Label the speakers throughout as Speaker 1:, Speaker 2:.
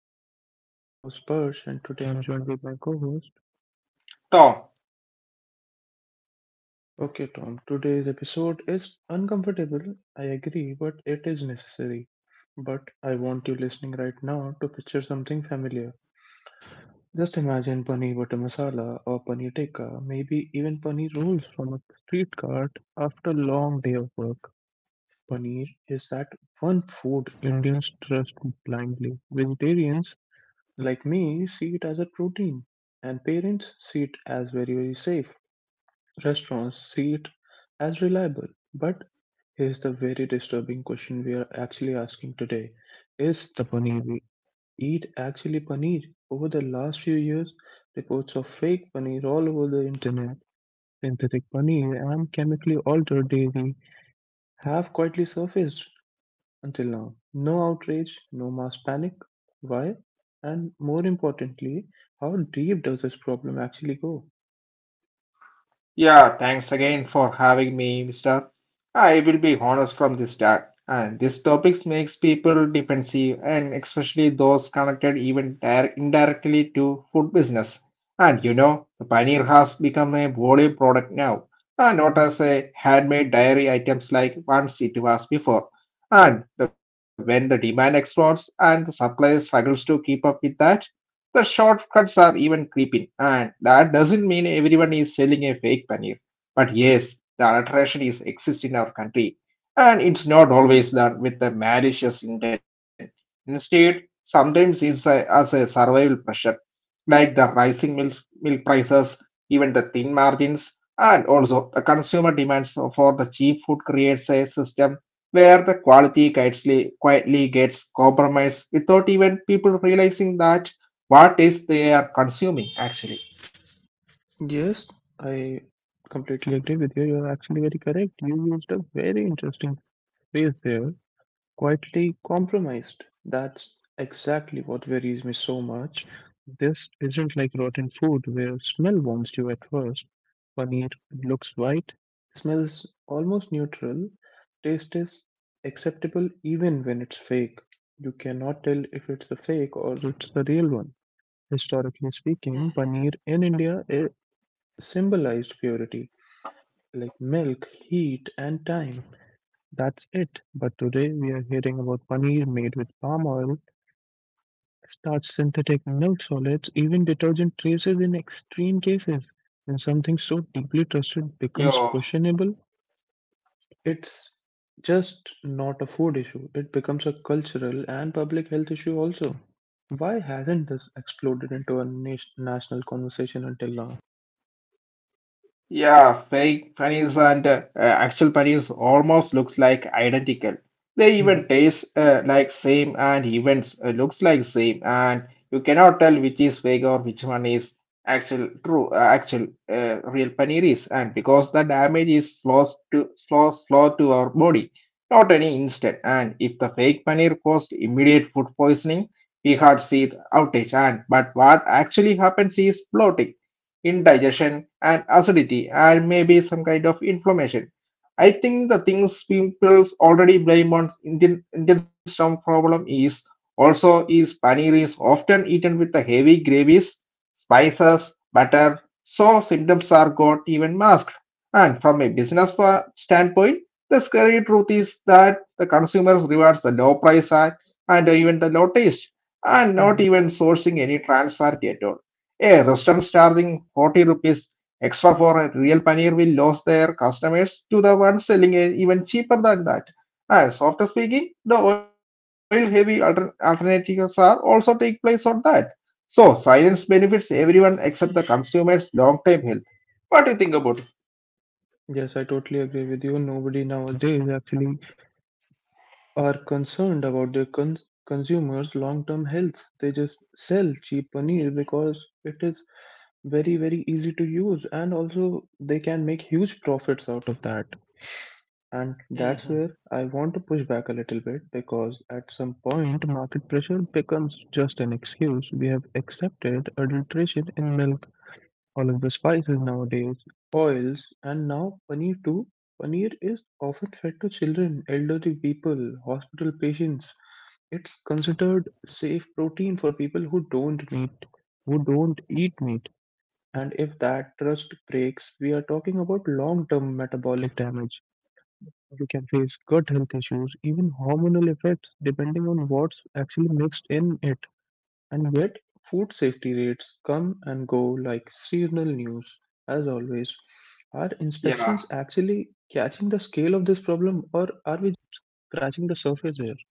Speaker 1: podcast. I'm your host Persh and today I'm joined with my co-host.
Speaker 2: Tom,
Speaker 1: Okay Tom, today's episode is uncomfortable, I agree, but it is necessary. But I want you listening right now to picture something familiar. Just imagine paneer butter masala or paneer tikka, maybe even paneer rolls from a street cart after a long day of work. Paneer is that one food Indians trust blindly. Vegetarians like me, see it as a protein, and parents see it as very, very safe. Restaurants see it as reliable. But here's the very disturbing question we are actually asking today. Is the paneer we eat actually paneer? Over the last few years, reports of fake paneer all over the internet, synthetic paneer, and chemically altered dairy have quietly surfaced until now. No outrage, no mass panic. Why? And more importantly, how deep does this problem actually go?
Speaker 2: yeah, thanks again for having me, mister. I will be honest from the start, and this topic makes people defensive, and especially those connected even indirectly to food business. And you know, the paneer has become a volume product now, and not
Speaker 1: Mhm.
Speaker 2: as a handmade dairy items like once it was before. When the demand explodes and the supply struggles to keep up with that, the shortcuts are even creeping, and that doesn't mean everyone is selling a fake paneer. But yes, the adulteration is exists in our country, and it's not always done with a malicious intent. Instead, sometimes as a survival pressure like the rising milk prices, even the thin margins, and also the consumer demands for the cheap food creates a system where the quality quietly gets compromised without even people realizing that what is they are consuming actually.
Speaker 1: Yes, I completely agree with you. You're actually very correct. You used a very interesting phrase there, quietly compromised. That's exactly what worries me so much. This isn't like rotten food where smell warns you at first. Paneer looks white, smells almost neutral, taste is acceptable even when it's fake. You cannot tell if it's a fake or it's the real one. Historically speaking, paneer in India symbolized purity, like milk, heat, and time. That's it. But today we are hearing about paneer made with palm oil, starch, synthetic milk solids, even detergent traces in extreme cases. When something so deeply
Speaker 2: Yeah.
Speaker 1: trusted becomes questionable, it's just not a food issue. It becomes a cultural and public health issue also. Why hasn't this exploded into a national conversation until now?
Speaker 2: Yeah, fake paneers and actual paneers almost looks like identical. They
Speaker 1: Hmm.
Speaker 2: even taste like same and events looks like same, and you cannot tell which is fake or which one is actual true actual real paneer is, and because the damage is slow to our body, not any instant. And if the fake paneer caused immediate food poisoning, we had see the outage. And but what actually happens is bloating, indigestion and acidity, and maybe some kind of inflammation. I think the things people already blame on Indian stomach problem is also is paneer is often eaten with the heavy gravies, spices, butter, so symptoms are got even masked. And from a standpoint, the scary truth is that the consumers rewards the low price, and even the low taste, and not
Speaker 1: Hmm.
Speaker 2: even sourcing any transfer at all. A restaurant charging 40 rupees extra for a real paneer will lose their customers to the ones selling it even cheaper than that. And softer speaking, the oil heavy alternatives are also take place on that. So silence benefits everyone except the consumers long term health. What do you think about it?
Speaker 1: Yes, I totally agree with you. Nobody nowadays actually are concerned about their consumers' long-term health. They just sell cheap paneer because it is very, very easy to use, and also they can make huge profits out of that. And that's where I want to push back a little bit because at some point market pressure becomes just an excuse. We have accepted adulteration in milk, all of the spices nowadays, oils, and now paneer too. Paneer is often fed to children, elderly people, hospital patients, it's considered safe protein for people who don't meat, who don't eat meat. And if that trust breaks, we are talking about long-term metabolic damage. You can face gut health issues, even hormonal effects, depending on what's actually mixed in it. And yet, food safety rates come and go like seasonal news, as always. Are
Speaker 2: Yeah.
Speaker 1: inspections actually catching the scale of this problem, or are we just scratching the surface here?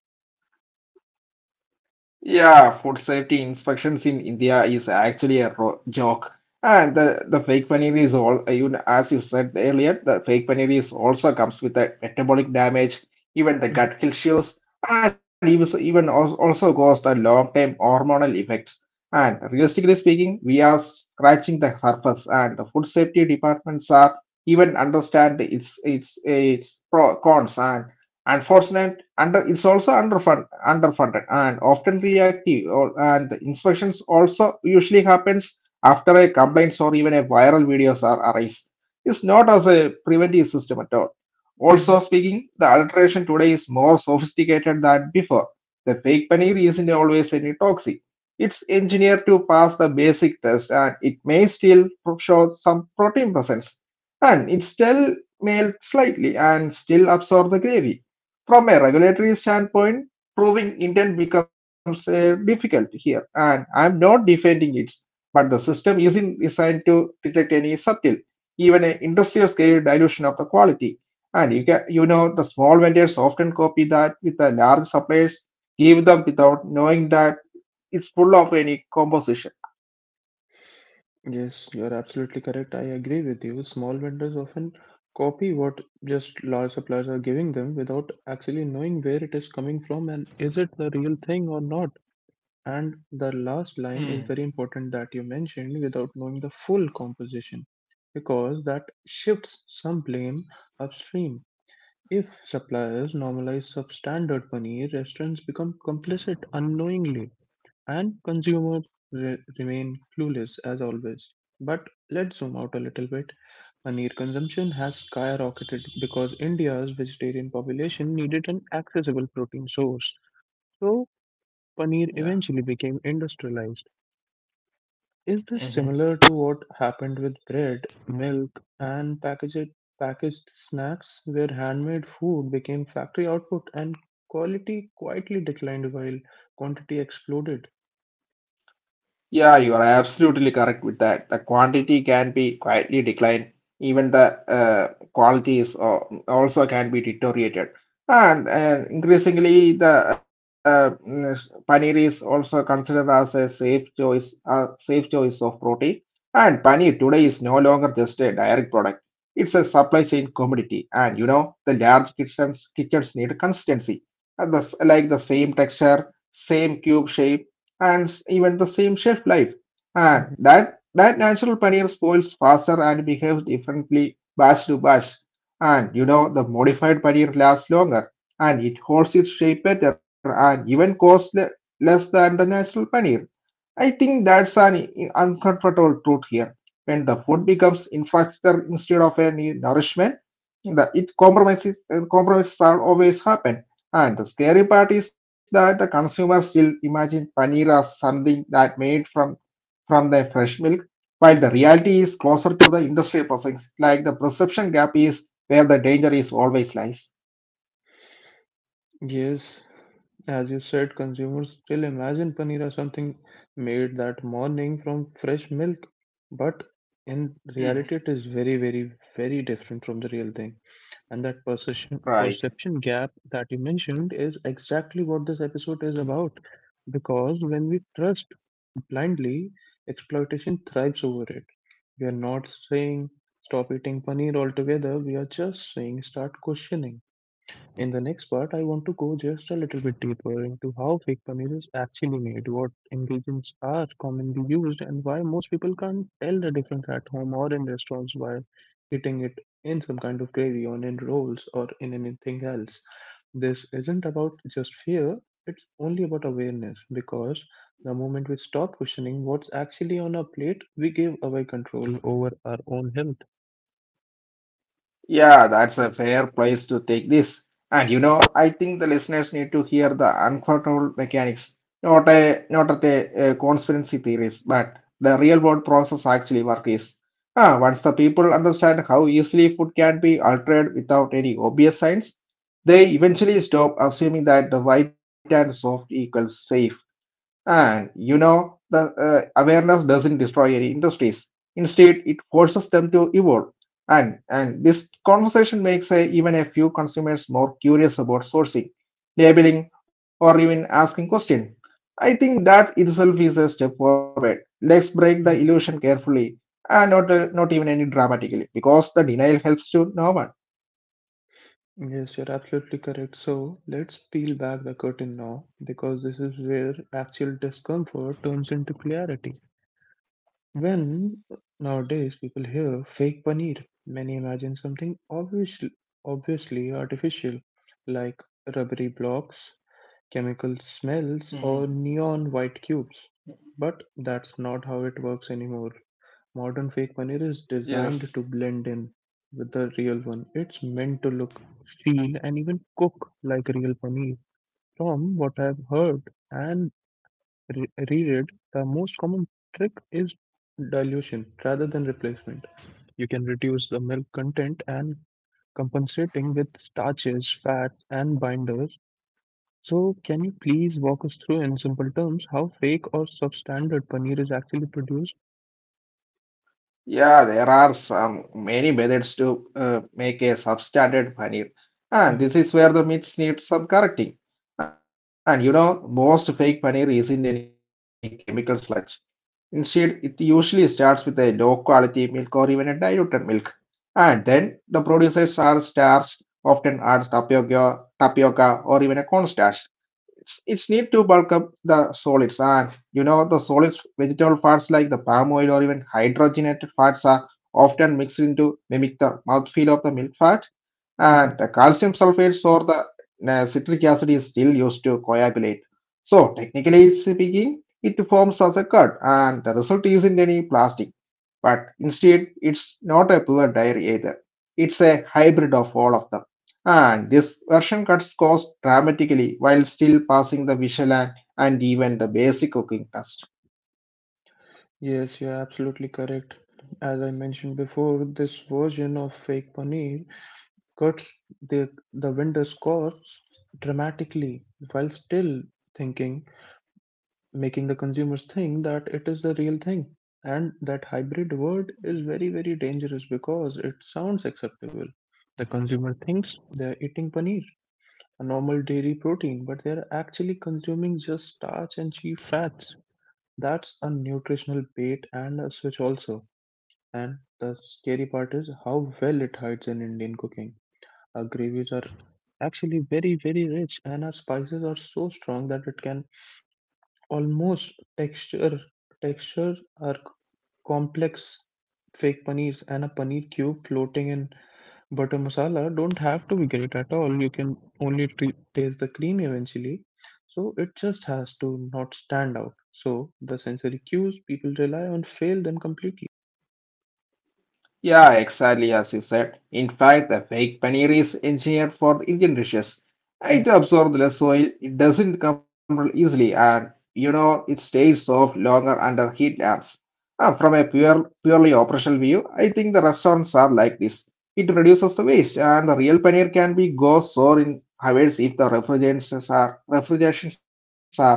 Speaker 2: Yeah, food safety inspections in India is actually a joke. The fake paneer is all, even as you said earlier, the fake paneer is also comes with the metabolic damage, even the
Speaker 1: Mhm,
Speaker 2: gut issues, and even, so, even als- also cause the long term hormonal effects. And realistically speaking, we are scratching the surface, and the food safety departments are even understand its pro cons, and unfortunately underfunded, and often reactive. And the inspections also usually happens after a complaints or even a viral videos are arise. It's not as a preventive system at all.
Speaker 1: mhm.
Speaker 2: Also speaking, the alteration today is more sophisticated than before. The fake paneer isn't always any toxic. It's engineered to pass the basic test, and it may still show some protein presence, and it still melt slightly and still absorb the gravy. From a regulatory standpoint, proving intent becomes difficult here, and I'm not defending it, but the system isn't designed to detect any subtle, even an industrial scale dilution of the quality. And you can, you know, the small vendors often copy that with the large suppliers, give them without knowing that it's full of any composition.
Speaker 1: Yes, you're absolutely correct. I agree with you. Small vendors often copy what just large suppliers are giving them without actually knowing where it is coming from and is it the real thing or not. And the last line is very important that you mentioned without knowing the full composition because that shifts some blame upstream. If suppliers normalize substandard paneer, restaurants become complicit unknowingly and consumers remain clueless as always. But let's zoom out a little bit. Paneer consumption has skyrocketed because India's vegetarian population needed an accessible protein source. So, paneer
Speaker 2: Yeah.
Speaker 1: eventually became industrialized. Is this similar to what happened with bread, milk, and packaged snacks, where handmade food became factory output and quality quietly declined while quantity exploded?
Speaker 2: Yeah, you are absolutely correct with that. The quantity can be quietly declined. Even the qualities also can be deteriorated. And increasingly, the paneer is also considered as a safe choice of protein. And paneer today is no longer just a direct product. It's a supply chain commodity. And you know, the large kitchens need consistency. The like the same texture, same cube shape, and even the same shelf life. And
Speaker 1: Mm-hmm.
Speaker 2: that natural paneer spoils faster and behaves differently batch to batch. And you know the modified paneer lasts longer, and it holds its shape better, and even costs less than the natural paneer. I think that's an uncomfortable truth here. When the food becomes infrastructure instead of a nourishment, the, it compromises compromises are always happen. And the scary part is that the consumer still imagine paneer as something that made from the fresh milk, while the reality is closer to the industrial process. Like the perception gap is where the danger is always lies.
Speaker 1: Yes, as you said, consumers still imagine paneer as something made that morning from fresh milk, but in reality, it is very, very, very different from the real thing. And that
Speaker 2: Right.
Speaker 1: perception gap that you mentioned is exactly what this episode is about. Because when we trust blindly, exploitation thrives over it. We are not saying stop eating paneer altogether. We are just saying start questioning in the next part, I want to go just a little bit deeper into how fake paneer is actually made, what ingredients are commonly used, and why most people can't tell the difference at home or in restaurants while eating it in some kind of gravy or in rolls or in anything else. This isn't about just fear, it's only about awareness because the moment we stop questioning what's actually on our plate, we give away control over our own health.
Speaker 2: Yeah, that's a fair place to take this. And you know, I think the listeners need to hear the uncomfortable mechanics, not a not at a conspiracy theories, but the real world process actually work is. Ah, once the people understand how easily food can be altered without any obvious signs, they eventually stop assuming that the white and soft equals safe. And you know, the awareness doesn't destroy any industries. Instead, it forces them to evolve. And this conversation makes even a few consumers more curious about sourcing, labeling, or even asking questions. I think that itself is a step forward. Let's break the illusion carefully and not even any dramatically, because the denial helps to no one.
Speaker 1: Yes, you're absolutely correct. So let's peel back the curtain now because this is where actual discomfort turns into clarity. When nowadays people hear fake paneer, many imagine something obviously artificial like rubbery blocks, chemical
Speaker 2: Mhm.
Speaker 1: smells, or neon white cubes. But that's not how it works anymore. Modern fake paneer is
Speaker 2: Yes.
Speaker 1: designed to blend in with the real one. It's meant to look, feel, and even cook like real paneer. From what I've heard and reread, the most common trick is dilution rather than replacement. You can reduce the milk content and compensating with starches, fats, and binders. So, can you please walk us through in simple terms how fake or substandard paneer is actually produced?
Speaker 2: Yeah, there are some many methods to make a substandard paneer, and
Speaker 1: Mhm.
Speaker 2: this is where the myths need some correcting. And you know, most fake paneer isn't any chemical sludge. Instead, it usually starts with a low quality milk or even a diluted milk, and then the producers are starched, often adds tapioca, or even a cornstarch. It's need to bulk up the solids. And you know, the solids vegetable fats like the palm oil or even hydrogenated fats are often mixed into mimic the mouthfeel of the milk fat, and
Speaker 1: Mhm.
Speaker 2: the calcium sulfates or the citric acid is still used to coagulate. So technically speaking, it forms as a curd, and the result isn't any plastic, but instead it's not a pure diary either. It's a hybrid of all of them. And this version cuts costs dramatically while still passing the Michelin and even the basic cooking test.
Speaker 1: Yes, you're absolutely correct. As I mentioned before, this version of fake paneer cuts the vendor's costs dramatically while still thinking, making the consumers think that it is the real thing. And that hybrid word is very, very dangerous because it sounds acceptable. The consumer thinks they're eating paneer, a normal dairy protein, but they're actually consuming just starch and cheap fats. That's a nutritional bait and a switch also and the scary part is how well it hides in Indian cooking. Our gravies are actually very, very rich, and our spices are so strong that it can almost texture our complex fake paneers and a paneer cube floating in butter masala don't have to be great at all. You can only taste the cream eventually. So it just has to not stand out. So the sensory cues people rely on fail them completely.
Speaker 2: Yeah, exactly as you said. In fact, the fake paneer is engineered for Indian dishes. It absorbs less oil, it doesn't crumble easily, and you know it stays soft longer under heat lamps. From a purely operational view, I think the restaurants are like this. It reduces the waste, and the real paneer can be go sour in hours if the refrigerations are fails,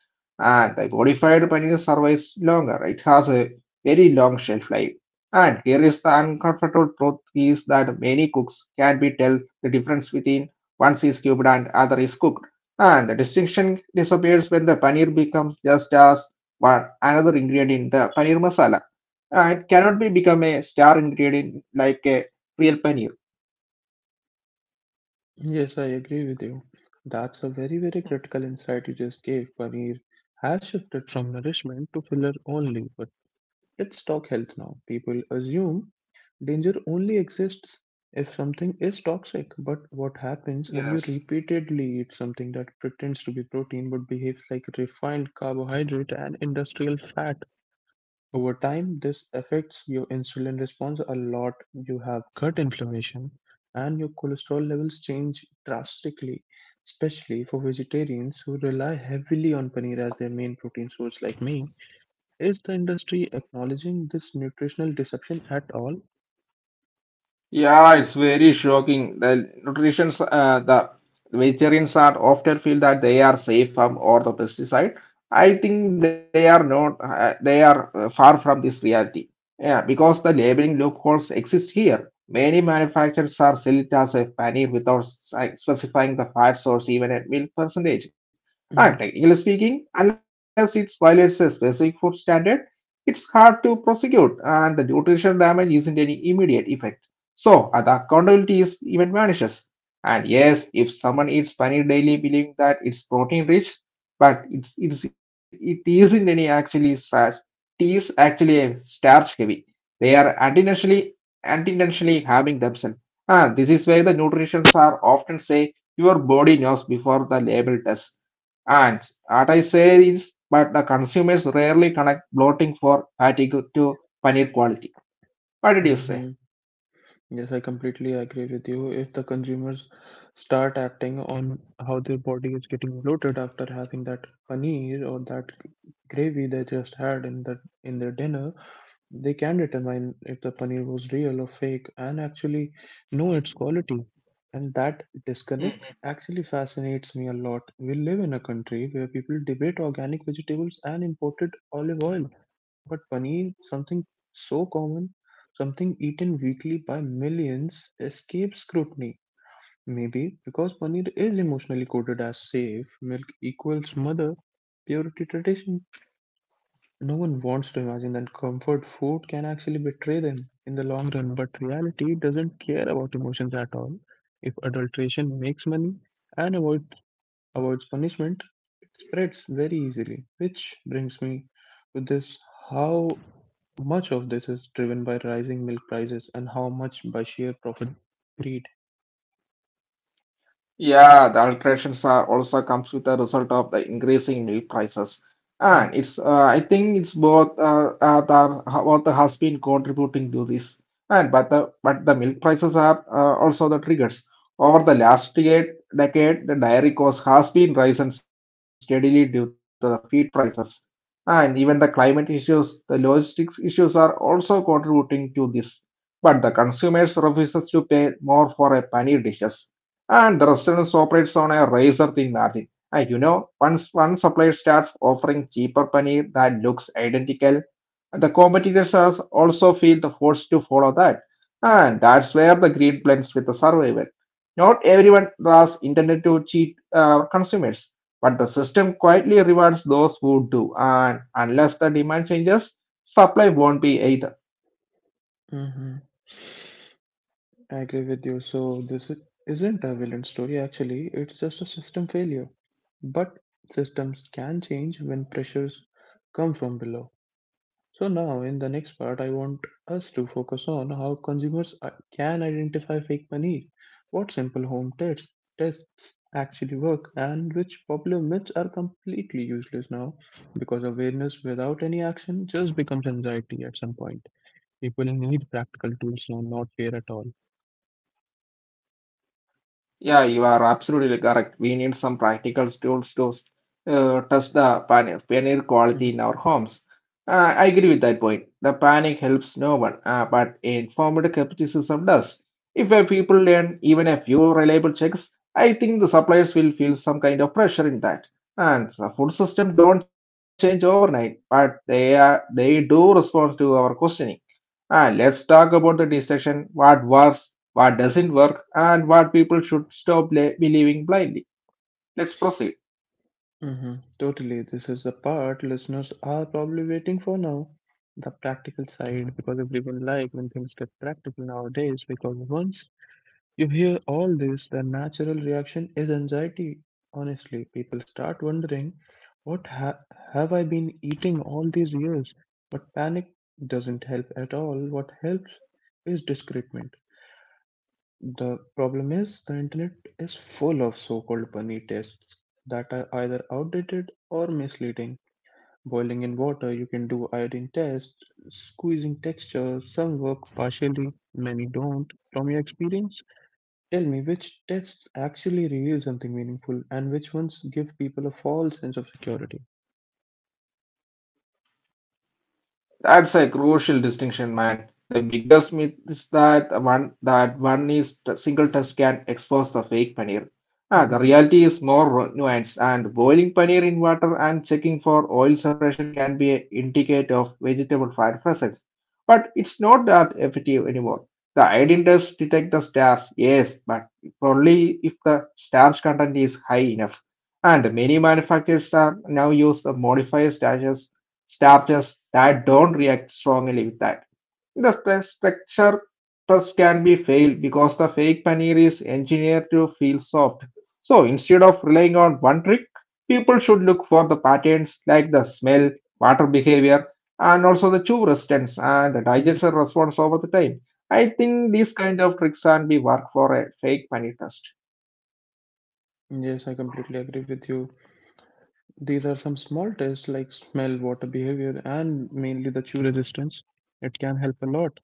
Speaker 2: and the modified paneer survives longer. It has a very long shelf life. And here is the uncomfortable truth is that many cooks can be tell the difference between one is cubed and other is cooked. And the distinction disappears when the paneer becomes just as one another ingredient in the paneer masala. It cannot be become a star ingredient like a real paneer.
Speaker 1: Yes, I agree with you. That's a very, very critical insight you just gave. Paneer has shifted from nourishment to filler only. But let's talk health now. People assume danger only exists if something is toxic. But what happens when you
Speaker 2: Yes.
Speaker 1: repeatedly eat something that pretends to be protein but behaves like refined carbohydrate and industrial fat? Over time, this affects your insulin response a lot. You have gut inflammation, and your cholesterol levels change drastically, especially for vegetarians who rely heavily on paneer as their main protein source, like me. Is the industry acknowledging this nutritional deception at all?
Speaker 2: Yeah, it's very shocking. The vegetarians are often feel that they are safe from all the pesticide. I think they are not. They are far from this reality. Yeah, because the labeling loopholes exist here. Many manufacturers are selling it as a paneer without specifying the fat source, even at milk percentage. And technically speaking, unless it violates a specific food standard, it's hard to prosecute, and the nutritional damage isn't any immediate effect. So the accountability is even vanishes. And yes, if someone eats paneer daily believing that it's protein rich, but it isn't any actually starch. It is actually a starch heavy. They are unintentionally harming themselves. Ah, this is why the nutritionists are often say your body knows before the label does. And what I say is, but the consumers rarely connect bloating for fatigue to paneer quality. What did you say?
Speaker 1: Hmm. Yes, I completely agree with you. If the consumers start acting on how their body is getting bloated after having that paneer or that gravy they just had in the in their dinner, they can determine if the paneer was real or fake and actually know its quality. And that disconnect actually fascinates me a lot. We live in a country where people debate organic vegetables and imported olive oil, but paneer, something so common, something eaten weekly by millions, escapes scrutiny. Maybe because paneer is emotionally coded as safe, milk equals mother, purity tradition. No one wants to imagine that comfort food can actually betray them in the long run, but reality doesn't care about emotions at all. If adulteration makes money and avoids punishment, it spreads very easily. Which brings me to this, how much of this is driven by rising milk prices and how much by sheer profit greed.
Speaker 2: Yeah, the alterations are also comes with the result of the increasing milk prices. And it's I think it's both has been contributing to this. And but the milk prices are also the triggers. Over the last decade, the dairy cost has been rising steadily due to the feed prices. And even the climate issues, the logistics issues are also contributing to this. But the consumers refuses to pay more for a paneer dishes, and the restaurants operates on a razor thin margin. And you know, once one supplier starts offering cheaper paneer that looks identical, the competitors are also feel the force to follow that. And that's where the greed blends with the survival. Not everyone was intended to cheat consumers, but the system quietly rewards those who do. And unless the demand changes, supply won't be either.
Speaker 1: Mm-hmm. I agree with you. So this isn't a villain story actually, it's just a system failure. But systems can change when pressures come from below. So now in the next part I want us to focus on how consumers can identify fake money, what simple home tests actually work and which popular myths are completely useless now because awareness without any action just becomes anxiety at some point. People need practical tools now, not fear at all.
Speaker 2: Yeah, you are absolutely correct. We need some practical tools to test the paneer quality in our homes. I agree with that point. The panic helps no one, but informed skepticism does. If a people learn even a few reliable checks, I think the suppliers will feel some kind of pressure in that. And the food system don't change overnight, but they do respond to our questioning. And let's talk about the discussion. What works, what doesn't work, and what people should stop believing blindly. Let's proceed.
Speaker 1: Hmm. Totally. This is the part listeners are probably waiting for now. The practical side, because everyone like when things get practical nowadays, because once you hear all this, the natural reaction is anxiety. Honestly, people start wondering, what have I been eating all these years? But panic doesn't help at all. What helps is discernment. The problem is the internet is full of so-called bunny tests that are either outdated or misleading. Boiling in water, you can do iodine test, squeezing texture, some work partially, many don't. From your experience, tell me which tests actually reveal something meaningful and which ones give people a false sense of security.
Speaker 2: That's a crucial distinction, man. The biggest myth is that one is a single test can expose the fake paneer. Ah,
Speaker 1: Hmm.
Speaker 2: the reality is more nuanced, and boiling paneer in water and checking for oil separation can be an indicator of vegetable fat presence. But it's not that effective anymore. The iodine does detect the starch, yes, but only if the starch content is high enough. And many manufacturers are now use the modified starches that don't react strongly with that. The structure test can be failed because the fake paneer is engineered to feel soft. So instead of relying on one trick, people should look for the patterns like the smell, water behavior, and also the chew resistance and the
Speaker 1: Hmm.
Speaker 2: digestion response over the time. I think these kind of tricks can be work for a fake paneer test.
Speaker 1: Yes, I completely agree with you. These are some small tests like smell, water behavior, and mainly the chew resistance. It can help a lot.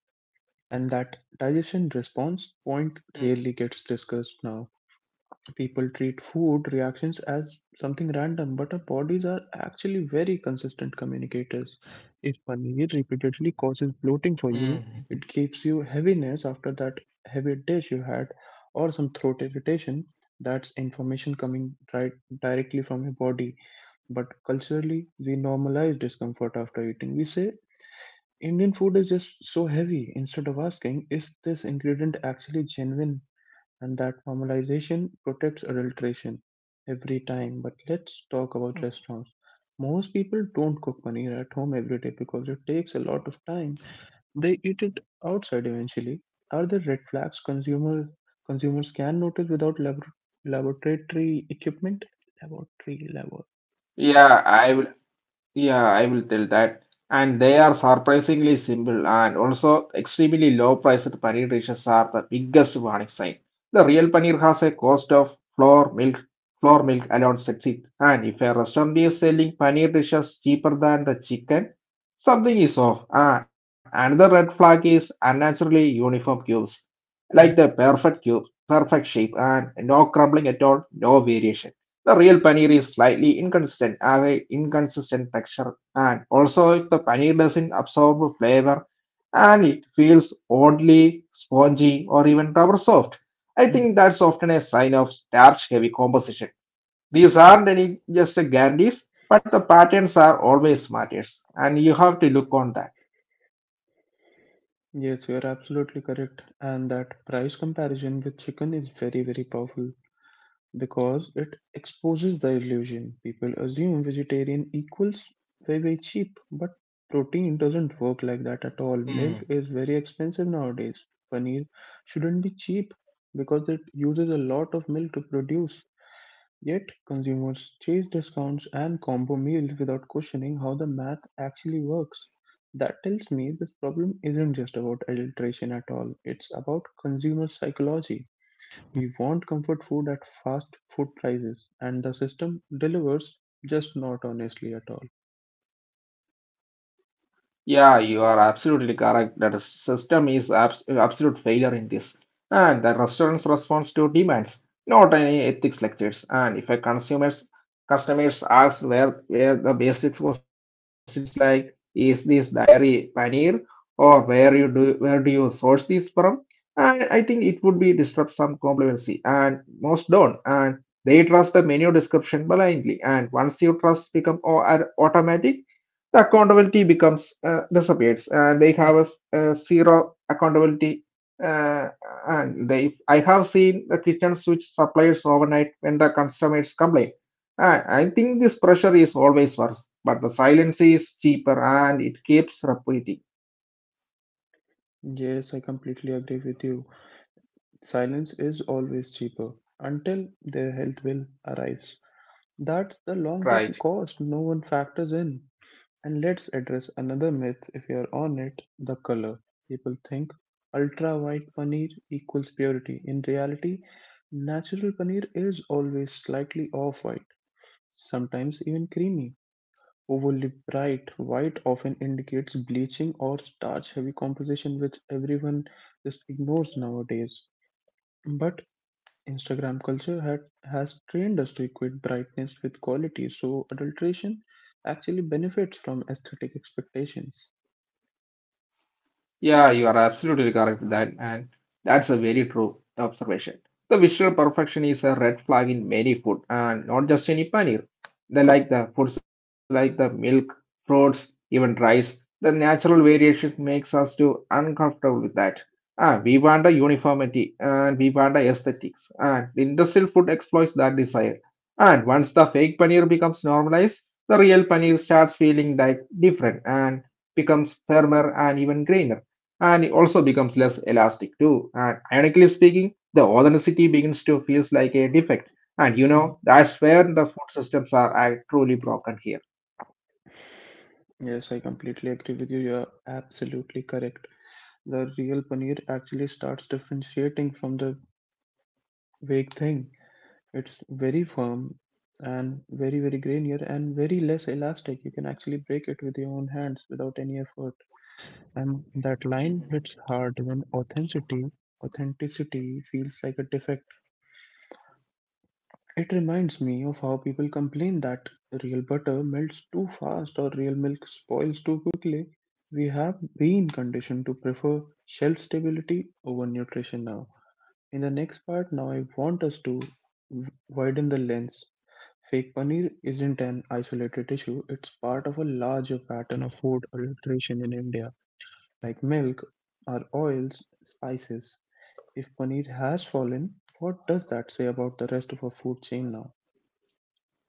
Speaker 1: And that digestion response point rarely gets discussed now. People treat food reactions as something random, but our bodies are actually very consistent communicators. If paneer repeatedly causes bloating for you, it gives you heaviness after that heavy dish you had, or some throat irritation, that's information coming right directly from your body. But culturally, we normalize discomfort after eating. We say Indian food is just so heavy. Instead of asking, is this ingredient actually genuine? And that formalisation protects adulteration every time. But let's talk about restaurants. Most people don't cook paneer at home every day because it takes a lot of time. They eat it outside eventually. Are there red flags consumers can notice without laboratory equipment? Laboratory level.
Speaker 2: Yeah, I will Yeah, I will tell that. And they are surprisingly simple and also extremely low priced paneer dishes are the biggest warning sign. The real paneer has a cost of flour milk. Flour milk alone sets it. And if a restaurant is selling paneer dishes cheaper than the chicken, something is off. And another red flag is unnaturally uniform cubes, like the perfect cube, perfect shape, and no crumbling at all, no variation. The real paneer is slightly inconsistent, have a inconsistent texture and also, if the paneer doesn't absorb flavor and it feels oddly spongy or even rubber soft, I think that's often a sign of starch heavy composition. These aren't any just a guarantees, but the patterns are always matters, and you have to look on that.
Speaker 1: Yes, you are absolutely correct. And that price comparison with chicken is very, very powerful because it exposes the illusion. People assume vegetarian equals very, very cheap, but protein doesn't work like that at all. Milk is very expensive nowadays. Paneer shouldn't be cheap because it uses a lot of milk to produce. Yet, consumers chase discounts and combo meals without questioning how the math actually works. That tells me this problem isn't just about adulteration at all, it's about consumer psychology. We want comfort food at fast food prices, and the system delivers just not honestly at all.
Speaker 2: Yeah, you are absolutely correct. That the system is absolute failure in this, and the restaurant's response to demands, not any ethics lectures. And if a consumers customers ask where the basic questions like is this dairy paneer or where do you source this from, and I think it would be disrupt some complacency, and most don't, and they trust the menu description blindly, and once you trust become automatic the accountability becomes disappears and they have a zero accountability uh, and they I have seen the kitchen switch suppliers overnight when the customers complain. I think this pressure is always worse but the silence is cheaper and it keeps repeating.
Speaker 1: Yes, I completely agree with you. Silence is always cheaper until their health bill arrives. That's the long term cost no one factors in. And let's address another myth if you're on it the color. People think ultra white paneer equals purity. In reality, natural paneer is always slightly off white, sometimes even creamy. Overly bright white often indicates bleaching or starch heavy composition, which everyone just ignores nowadays. But Instagram culture had, has trained us to equate brightness with quality, so adulteration actually benefits from aesthetic expectations.
Speaker 2: Yeah, you are absolutely correct with that, and that's a very true observation. The visual perfection is a red flag in many food, and not just any paneer. They like the foods like the milk, fruits, even rice. The natural variation makes us too uncomfortable with that. We want a uniformity, and we want a aesthetics, and the industrial food exploits that desire. And once the fake paneer becomes normalized, the real paneer starts feeling like different and becomes firmer and even greener and it also becomes less elastic too. And ironically speaking, the authenticity begins to feels like a defect.
Speaker 1: Mhm.
Speaker 2: And you know, that's where the food systems are truly broken here.
Speaker 1: Yes, I completely agree with you. You're absolutely correct. The real paneer actually starts differentiating from the vague thing. It's very firm and very, very grainier and very less elastic. You can actually break it with your own hands without any effort. And that line hits hard when authenticity feels like a defect. It reminds me of how people complain that real butter melts too fast or real milk spoils too quickly. We have been conditioned to prefer shelf stability over nutrition now. In the next part, now I want us to widen the lens. Fake paneer isn't an isolated issue, it's part of a larger pattern of food adulteration in India, like milk, our oils, spices. If paneer has fallen, what does that say about the rest of our food chain now?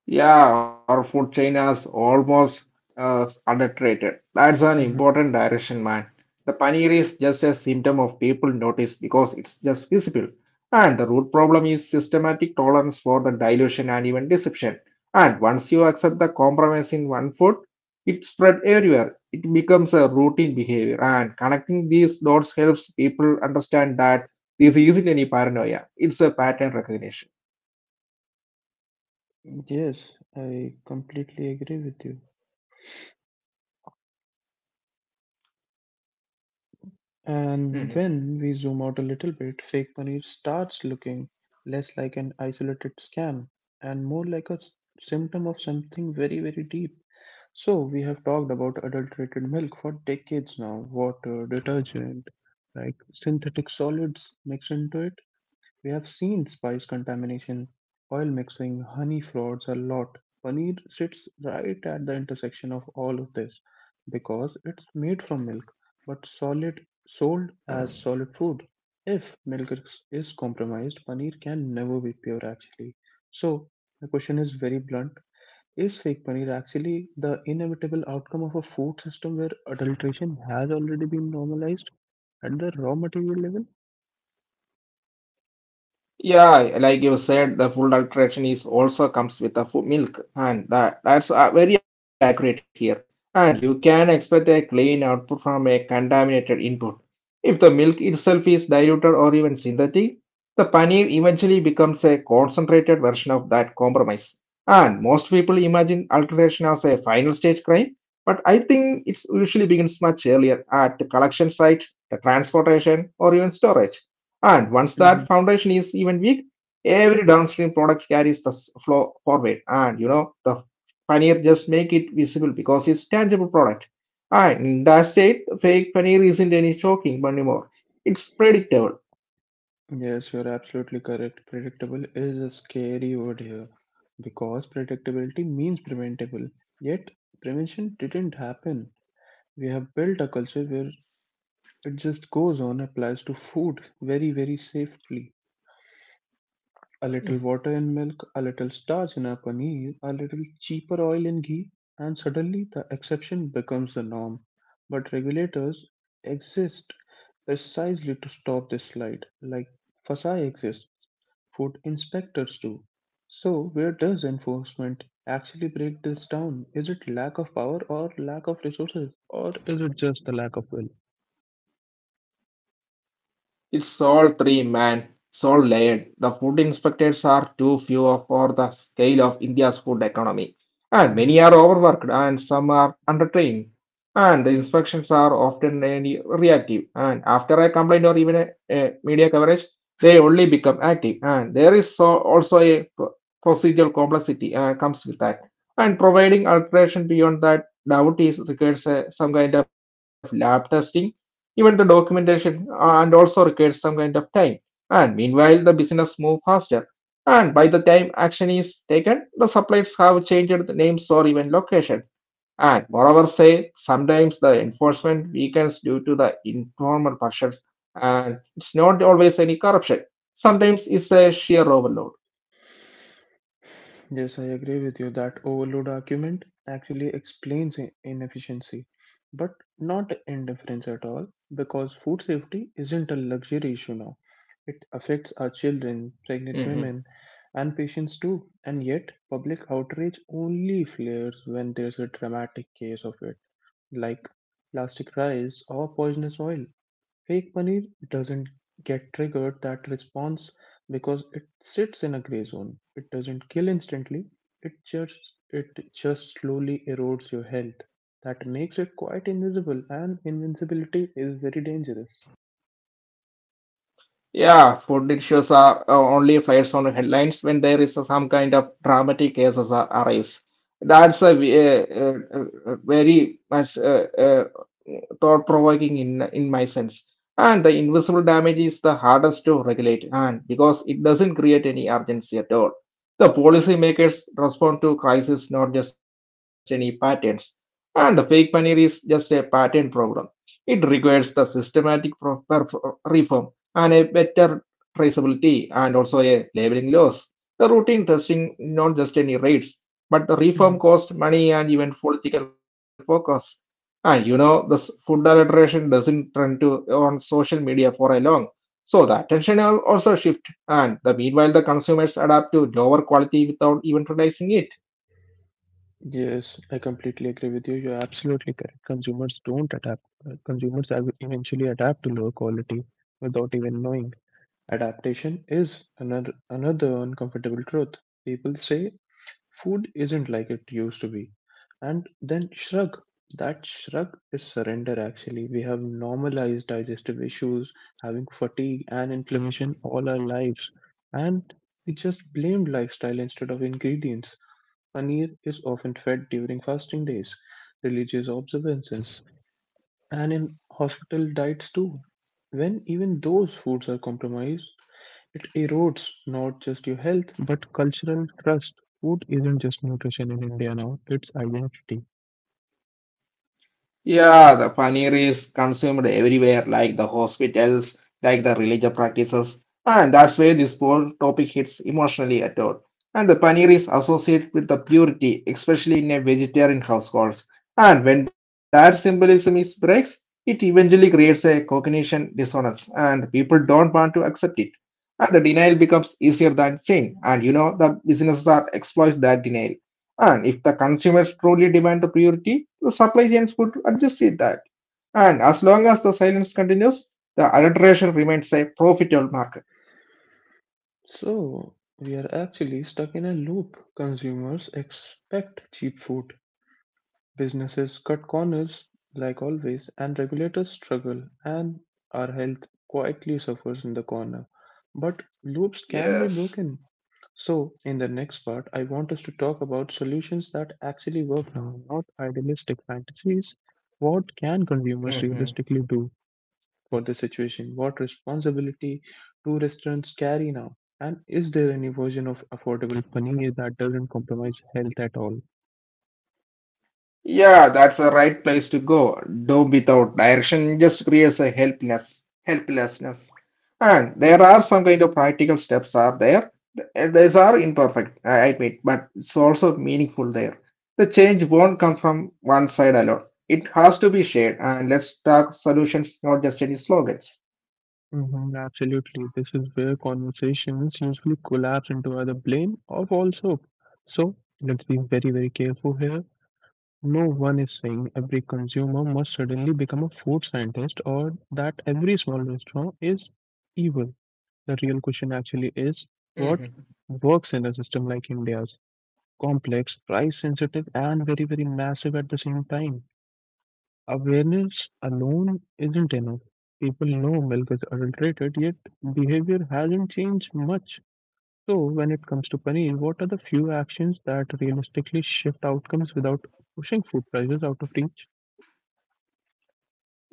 Speaker 2: Yeah, our food chain is almost underrated. That's an important
Speaker 1: Mhm.
Speaker 2: direction, man. The paneer is just a symptom of people notice because it's just visible. And the root problem is systematic tolerance for the dilution and even deception. And once you accept the compromise in one food, it spread everywhere. It becomes a routine behavior. And connecting these dots helps people understand that this isn't any paranoia. It's a pattern recognition.
Speaker 1: Yes, I completely agree with you. And when we zoom out a little bit, fake money starts looking less like an isolated scam and more like symptom of something very, very deep. So, we have talked about adulterated milk for decades now, water, detergent, like synthetic solids mixed into it. We have seen spice contamination, oil mixing, honey frauds a lot. Paneer sits right at the intersection of all of this because it's made from milk but solid sold as solid food. If milk is compromised, paneer can never be pure actually. So the question is very blunt. Is fake paneer actually the inevitable outcome of a food system where adulteration has already been normalized at the raw material level?
Speaker 2: Yeah, like you said, the full alteration is also comes with the full milk, and that's very accurate here. And you can expect a clean output from a contaminated input. If the milk itself is diluted or even synthetic, the paneer eventually becomes a concentrated version of that compromise. And most people imagine alteration as a final stage crime, but I think it usually begins much earlier at the collection site, the transportation, or even storage. And once that
Speaker 1: Mhm.
Speaker 2: foundation is even weak, every downstream product carries the flow forward. And you know, the paneer just make it visible because it's tangible product. And in that state, fake paneer isn't any shocking anymore. It's predictable.
Speaker 1: Yes, you're absolutely correct. Predictable is a scary word here because predictability means preventable. Yet, prevention didn't happen. We have built a culture where it just goes on, applies to food very, very safely. A little water in milk, a little starch in our paneer, a little cheaper oil in ghee, and suddenly the exception becomes the norm. But regulators exist precisely to stop this slide. Like FSI exists, food inspectors do. So, where does enforcement actually break this down? Is it lack of power or lack of resources, or is it just the lack of will?
Speaker 2: It's all three, man. It's all layered. The food inspectors are too few for the scale of India's food economy. And many are overworked and some are undertrained. And the inspections are often reactive. And after a complaint or even a media coverage, they only become active. And there is so, also a procedural complexity comes with that. And providing alteration beyond that doubt is requires some kind of lab testing even the documentation and also requires some kind of time. And meanwhile, the business move faster. And by the time action is taken, the suppliers have changed the names or even locations. And moreover, say sometimes the enforcement weakens due to the informal pressures, and it's not always any corruption. Sometimes it's a sheer overload.
Speaker 1: Yes, I agree with you that overload argument actually explains inefficiency, but not indifference at all, because food safety isn't a luxury issue now. It affects our children, pregnant women, and patients too, and yet public outrage only flares when there's a dramatic case of it, like plastic rice or poisonous oil. Fake money doesn't get triggered that response because it sits in a gray zone. It doesn't kill instantly. It just slowly erodes your health. That makes it quite invisible, and invincibility is very dangerous.
Speaker 2: Yeah, food issues are only flies on headlines when there is some kind of dramatic cases arise. That's very much thought-provoking in my sense. And the invisible damage is the hardest to regulate, and because it doesn't create any urgency at all. The policymakers respond to crisis, not just any patterns. And the fake money is just a pattern problem. It requires the systematic reform and a better traceability and also a labeling loss. The routine testing, not just any rates, but the reform
Speaker 1: Mhm.
Speaker 2: cost money and even political focus. And you know, this food adulteration doesn't trend to on social media for a long. So the attention will also shift, and the meanwhile the consumers adapt to lower quality without even realizing it.
Speaker 1: Yes, I completely agree with you. You're absolutely correct. Consumers don't adapt. Consumers eventually adapt to lower quality without even knowing. Adaptation is another uncomfortable truth. People say food isn't like it used to be. And then shrug. That shrug is surrender actually. We have normalized digestive issues, having fatigue and inflammation all our lives. And we just blamed lifestyle instead of ingredients. Paneer is often fed during fasting days, religious observances, and in hospital diets too. When even those foods are compromised, it erodes not just your health, but cultural trust. Food isn't just nutrition in India now, it's identity.
Speaker 2: Yeah, the paneer is consumed everywhere, like the hospitals, like the religious practices, and that's where this whole topic hits emotionally at all. And the paneer is associated with the purity, especially in a vegetarian households. And when that symbolism is breaks, it eventually creates a cognition dissonance, and people don't want
Speaker 1: Mhm.
Speaker 2: to accept it. And the denial becomes easier than change. And you know, the businesses are exploit that denial. And if the consumers truly demand the purity, the supply chains could adjust it that. And as long as the silence continues, the adulteration remains a profitable market.
Speaker 1: So, we are actually stuck in a loop. Consumers expect cheap food, businesses cut corners like always, and regulators struggle, and our health quietly suffers in the corner. But loops
Speaker 2: Yes.
Speaker 1: can be broken. So, in the next part, I want us to talk about solutions that actually work now, not idealistic fantasies. What can consumers realistically do for this situation? What responsibility do restaurants carry now? And is there any version of affordable paneer that doesn't compromise health at all?
Speaker 2: Yeah, that's the right place to go. Doom without direction just creates a helpless helplessness. And there are some kind of practical steps are there. And these are imperfect, I admit, but it's also meaningful there. The change won't come from one side alone. It has to be shared. And let's talk solutions, not just any slogans.
Speaker 1: Mhm, absolutely. This is where conversations usually collapse into either blame or fall soap. So let's be very, very careful here. No one is saying every consumer must suddenly become a food scientist or that every small restaurant is evil. The real question actually is what works in a system like India's complex, price sensitive, and very, very massive at the same time. Awareness alone isn't enough. People know milk is adulterated, yet behavior hasn't changed much. So, when it comes to paneer, what are the few actions that realistically shift outcomes without pushing food prices out of reach?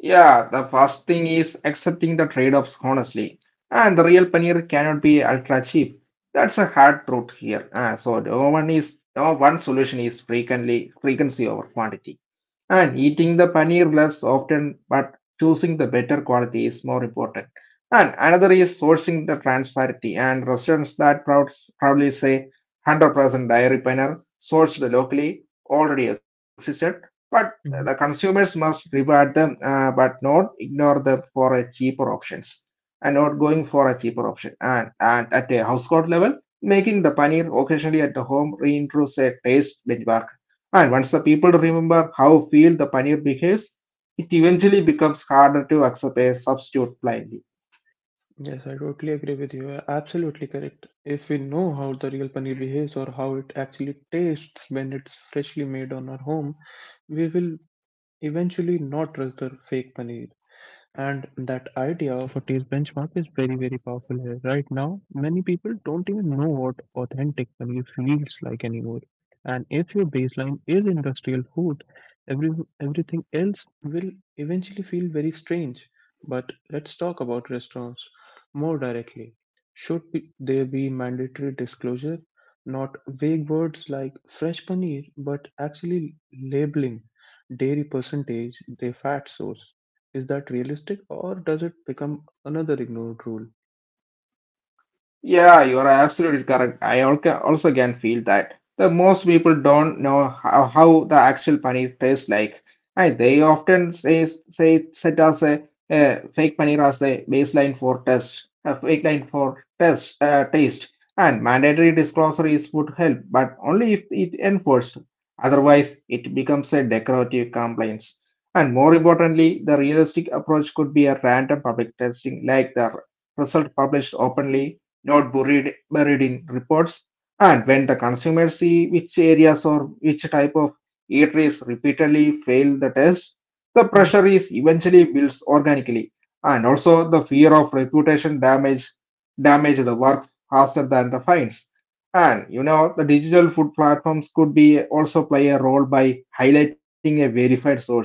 Speaker 2: Yeah, the first thing is accepting the trade-offs honestly. And the real paneer cannot be ultra cheap. That's a hard truth here. So no one solution is frequently frequency over quantity. And eating the paneer less often, but choosing the better quality is more important. And another is sourcing the transparency and restaurants that proudly say 100% dairy paneer sourced locally already existed, but the
Speaker 1: Mhm.
Speaker 2: consumers must reward them, but not ignore them for a cheaper options and not going for a cheaper option. And at a household level, making the paneer occasionally at the home reintroduces a taste benchmark and once the people remember how feel the paneer behaves, it eventually becomes harder to accept a substitute blindly.
Speaker 1: Yes, I totally agree with you. You're absolutely correct. If we know how the real paneer behaves or how it actually tastes when it's freshly made on our home, we will eventually not trust the fake paneer. And that idea of a taste benchmark is very, very powerful here. Right now many people don't even know what authentic value feels like anymore, and if your baseline is industrial food, every everything else will eventually feel very strange. But let's talk about restaurants more directly. Should there be mandatory disclosure, not vague words like fresh paneer, but actually labeling dairy percentage, their fat source? Is that realistic or does it become another ignored rule?
Speaker 2: Yeah, you are absolutely correct. I also can feel that the most people don't know how the actual paneer tastes like, and they often say set as a fake paneer as a baseline for test, a fake line for test taste, and mandatory disclosures would help, but only if it enforced. Otherwise, it becomes a decorative compliance. And more importantly, the realistic approach could be a random public testing like the result published openly not buried in reports. And when the consumers see which areas or which type of eateries repeatedly fail the test, the
Speaker 1: Hmm.
Speaker 2: pressure is eventually builds organically. And also the fear of reputation damage the work faster than the fines. And you know the digital food platforms could be also play a role by highlighting a verified sourcing.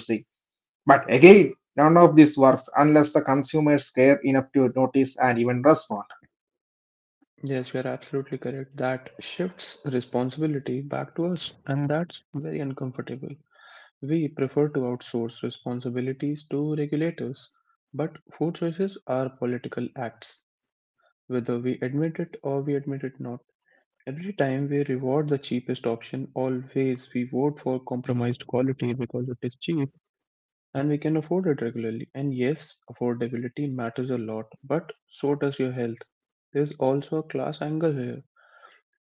Speaker 2: But again, none of this works unless the consumers care enough to notice and even respond.
Speaker 1: Yes, you are absolutely correct. That shifts responsibility back to us, and that's very uncomfortable. We prefer to outsource responsibilities to regulators, but food choices are political acts, whether we admit it not. Every time we reward the cheapest option, always we vote for compromised quality because it is cheap and we can afford it regularly. And yes, affordability matters a lot, but so does your health. There's also a class angle here.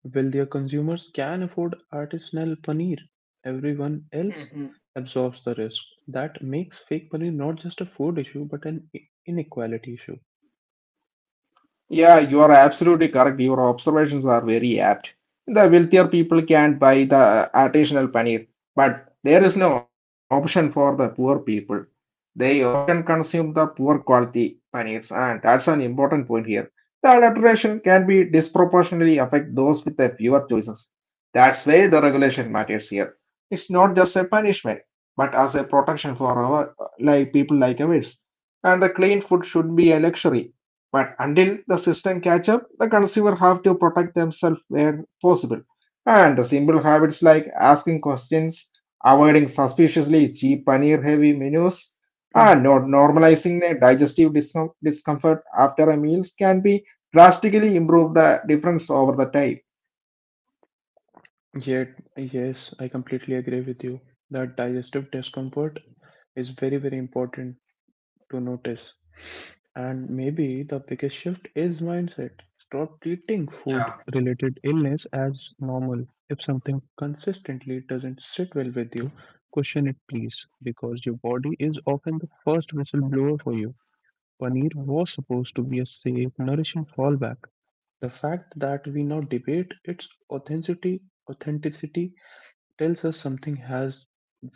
Speaker 1: Wealthier consumers can afford artisanal paneer. Everyone else absorbs the risk. That makes fake paneer not just a food issue, but an inequality issue.
Speaker 2: Yeah, you are absolutely correct. Your observations are very apt. The wealthier people can buy the artisanal paneer, but there is no option for the poor people. They often consume the poor quality paneers, and that's an important point here. The adulteration can be disproportionately affect those with the fewer choices. That's why the regulation matters here. It's not just a punishment, but as a protection for our like people like ours. And the clean food should be a luxury but until the system catch up, the consumer have to protect themselves where possible. And the simple habits like asking questions, avoiding suspiciously cheap paneer-heavy menus,
Speaker 1: Mhm.
Speaker 2: and not normalizing a digestive discomfort after a meal can be drastically improve the difference over the time.
Speaker 1: Yet, yes, I completely agree with you that digestive discomfort is very, very important to notice. And maybe the biggest shift is mindset. Stop treating food related illness as normal. If something consistently doesn't sit well with you, question it please, because your body is often the first whistleblower for you. Paneer was supposed to be a safe, nourishing fallback. The fact that we now debate its authenticity tells us something has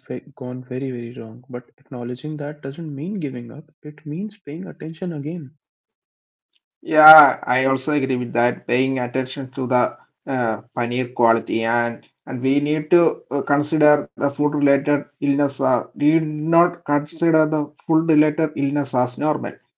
Speaker 1: gone very, very wrong. But acknowledging that doesn't mean giving up, it means paying attention again.
Speaker 2: Yeah, I also agree with that. Paying attention to the paneer quality and we need to consider the food related illness. We need not consider the food related illness as normal.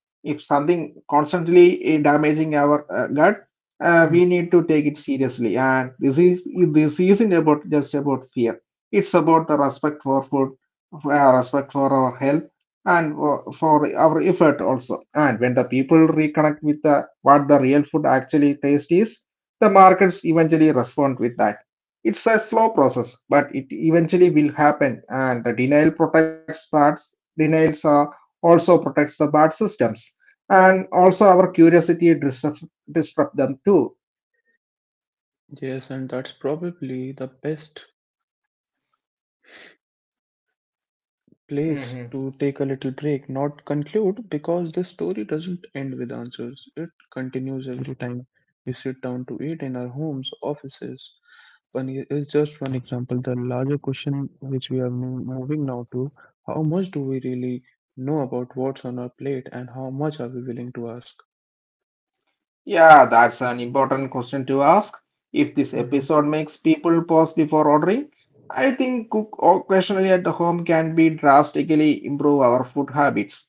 Speaker 2: If something constantly damaging our gut,
Speaker 1: Mm.
Speaker 2: we need to take it seriously. And this isn't about just about fear. It's about the respect for food, respect for our health, and for our effort also. And when the people reconnect with what the real food actually taste is, the markets eventually respond with that. It's a slow process, but it eventually will happen. And the denial protects parts, denials also protects the bad systems, and also our curiosity disrupt them too.
Speaker 1: Yes, and that's probably the best place to take a little break, not conclude, because the story doesn't end with answers. It continues every time we sit down to eat in our homes, offices. One is just one example. The larger question which we are moving now to: how much do we really know about what's on our plate, and how much are we willing to ask?
Speaker 2: Yeah, that's an important question to ask. If this
Speaker 1: Hmm.
Speaker 2: episode makes people pause before ordering, I think cook occasionally at the home can be drastically improve our food habits.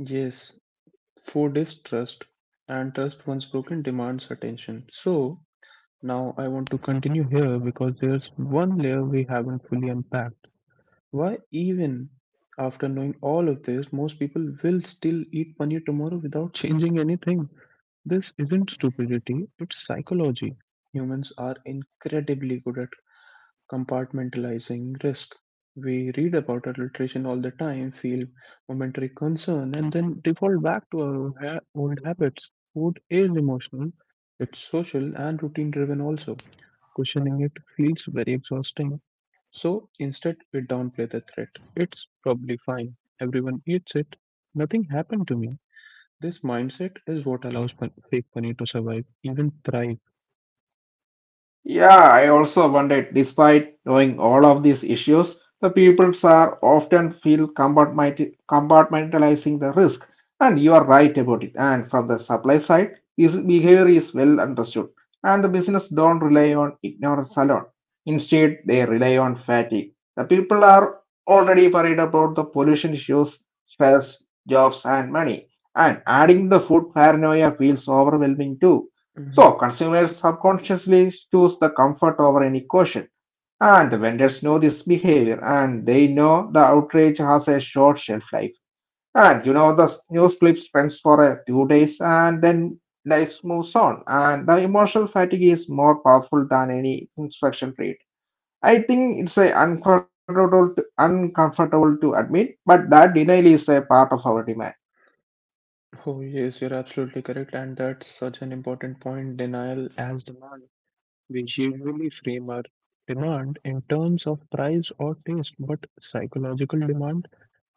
Speaker 1: Yes, food is trust, and trust once broken demands attention. So, now I want to continue here because there's one layer we haven't fully unpacked. Why even after knowing all of this, most people will still eat paneer tomorrow without changing anything. This isn't stupidity, it's psychology. Humans are incredibly good at compartmentalizing risk. We read about adulteration all the time, feel momentary concern, and then default back to our old habits. Food is emotional, it's social and routine driven also. Questioning it feels very exhausting. So instead, we downplay the threat. It's probably fine. Everyone eats it. Nothing happened to me. This mindset is what allows fake money to survive, even thrive.
Speaker 2: Yeah, I also wondered, despite knowing all of these issues, the peoples are often feel compartmentalizing the risk. And you are right about it. And from the supply side, this behavior is well understood. And the business don't rely on ignorance alone. Instead, they rely on fatigue. The people are already worried about the pollution issues, stress, jobs, and money. And adding the food paranoia feels overwhelming too.
Speaker 1: Hmm.
Speaker 2: So consumers subconsciously choose the comfort over any caution. And the vendors know this behavior and they know the outrage has a short shelf life. And you know the news clip spends for a few days and then life moves on. And the emotional fatigue is more powerful than any instruction read. I think it's a uncomfortable to admit, but that denial is a part of our demand.
Speaker 1: Oh, yes, you're absolutely correct. And that's such an important point, denial as demand. We usually frame our demand in terms of price or taste, but psychological demand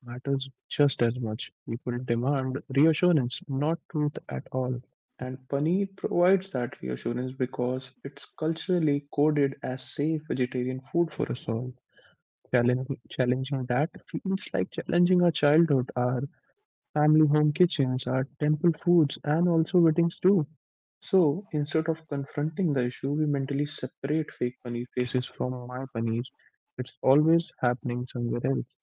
Speaker 1: matters just as much. People demand reassurance, not truth at all. And paneer provides that reassurance because it's culturally coded as safe vegetarian food for us all. Challenging that feels like challenging our childhood, our family home kitchens, our temple foods, and also weddings too. So instead of confronting the issue, we mentally separate fake paneer faces from my paneer. It's always happening somewhere else.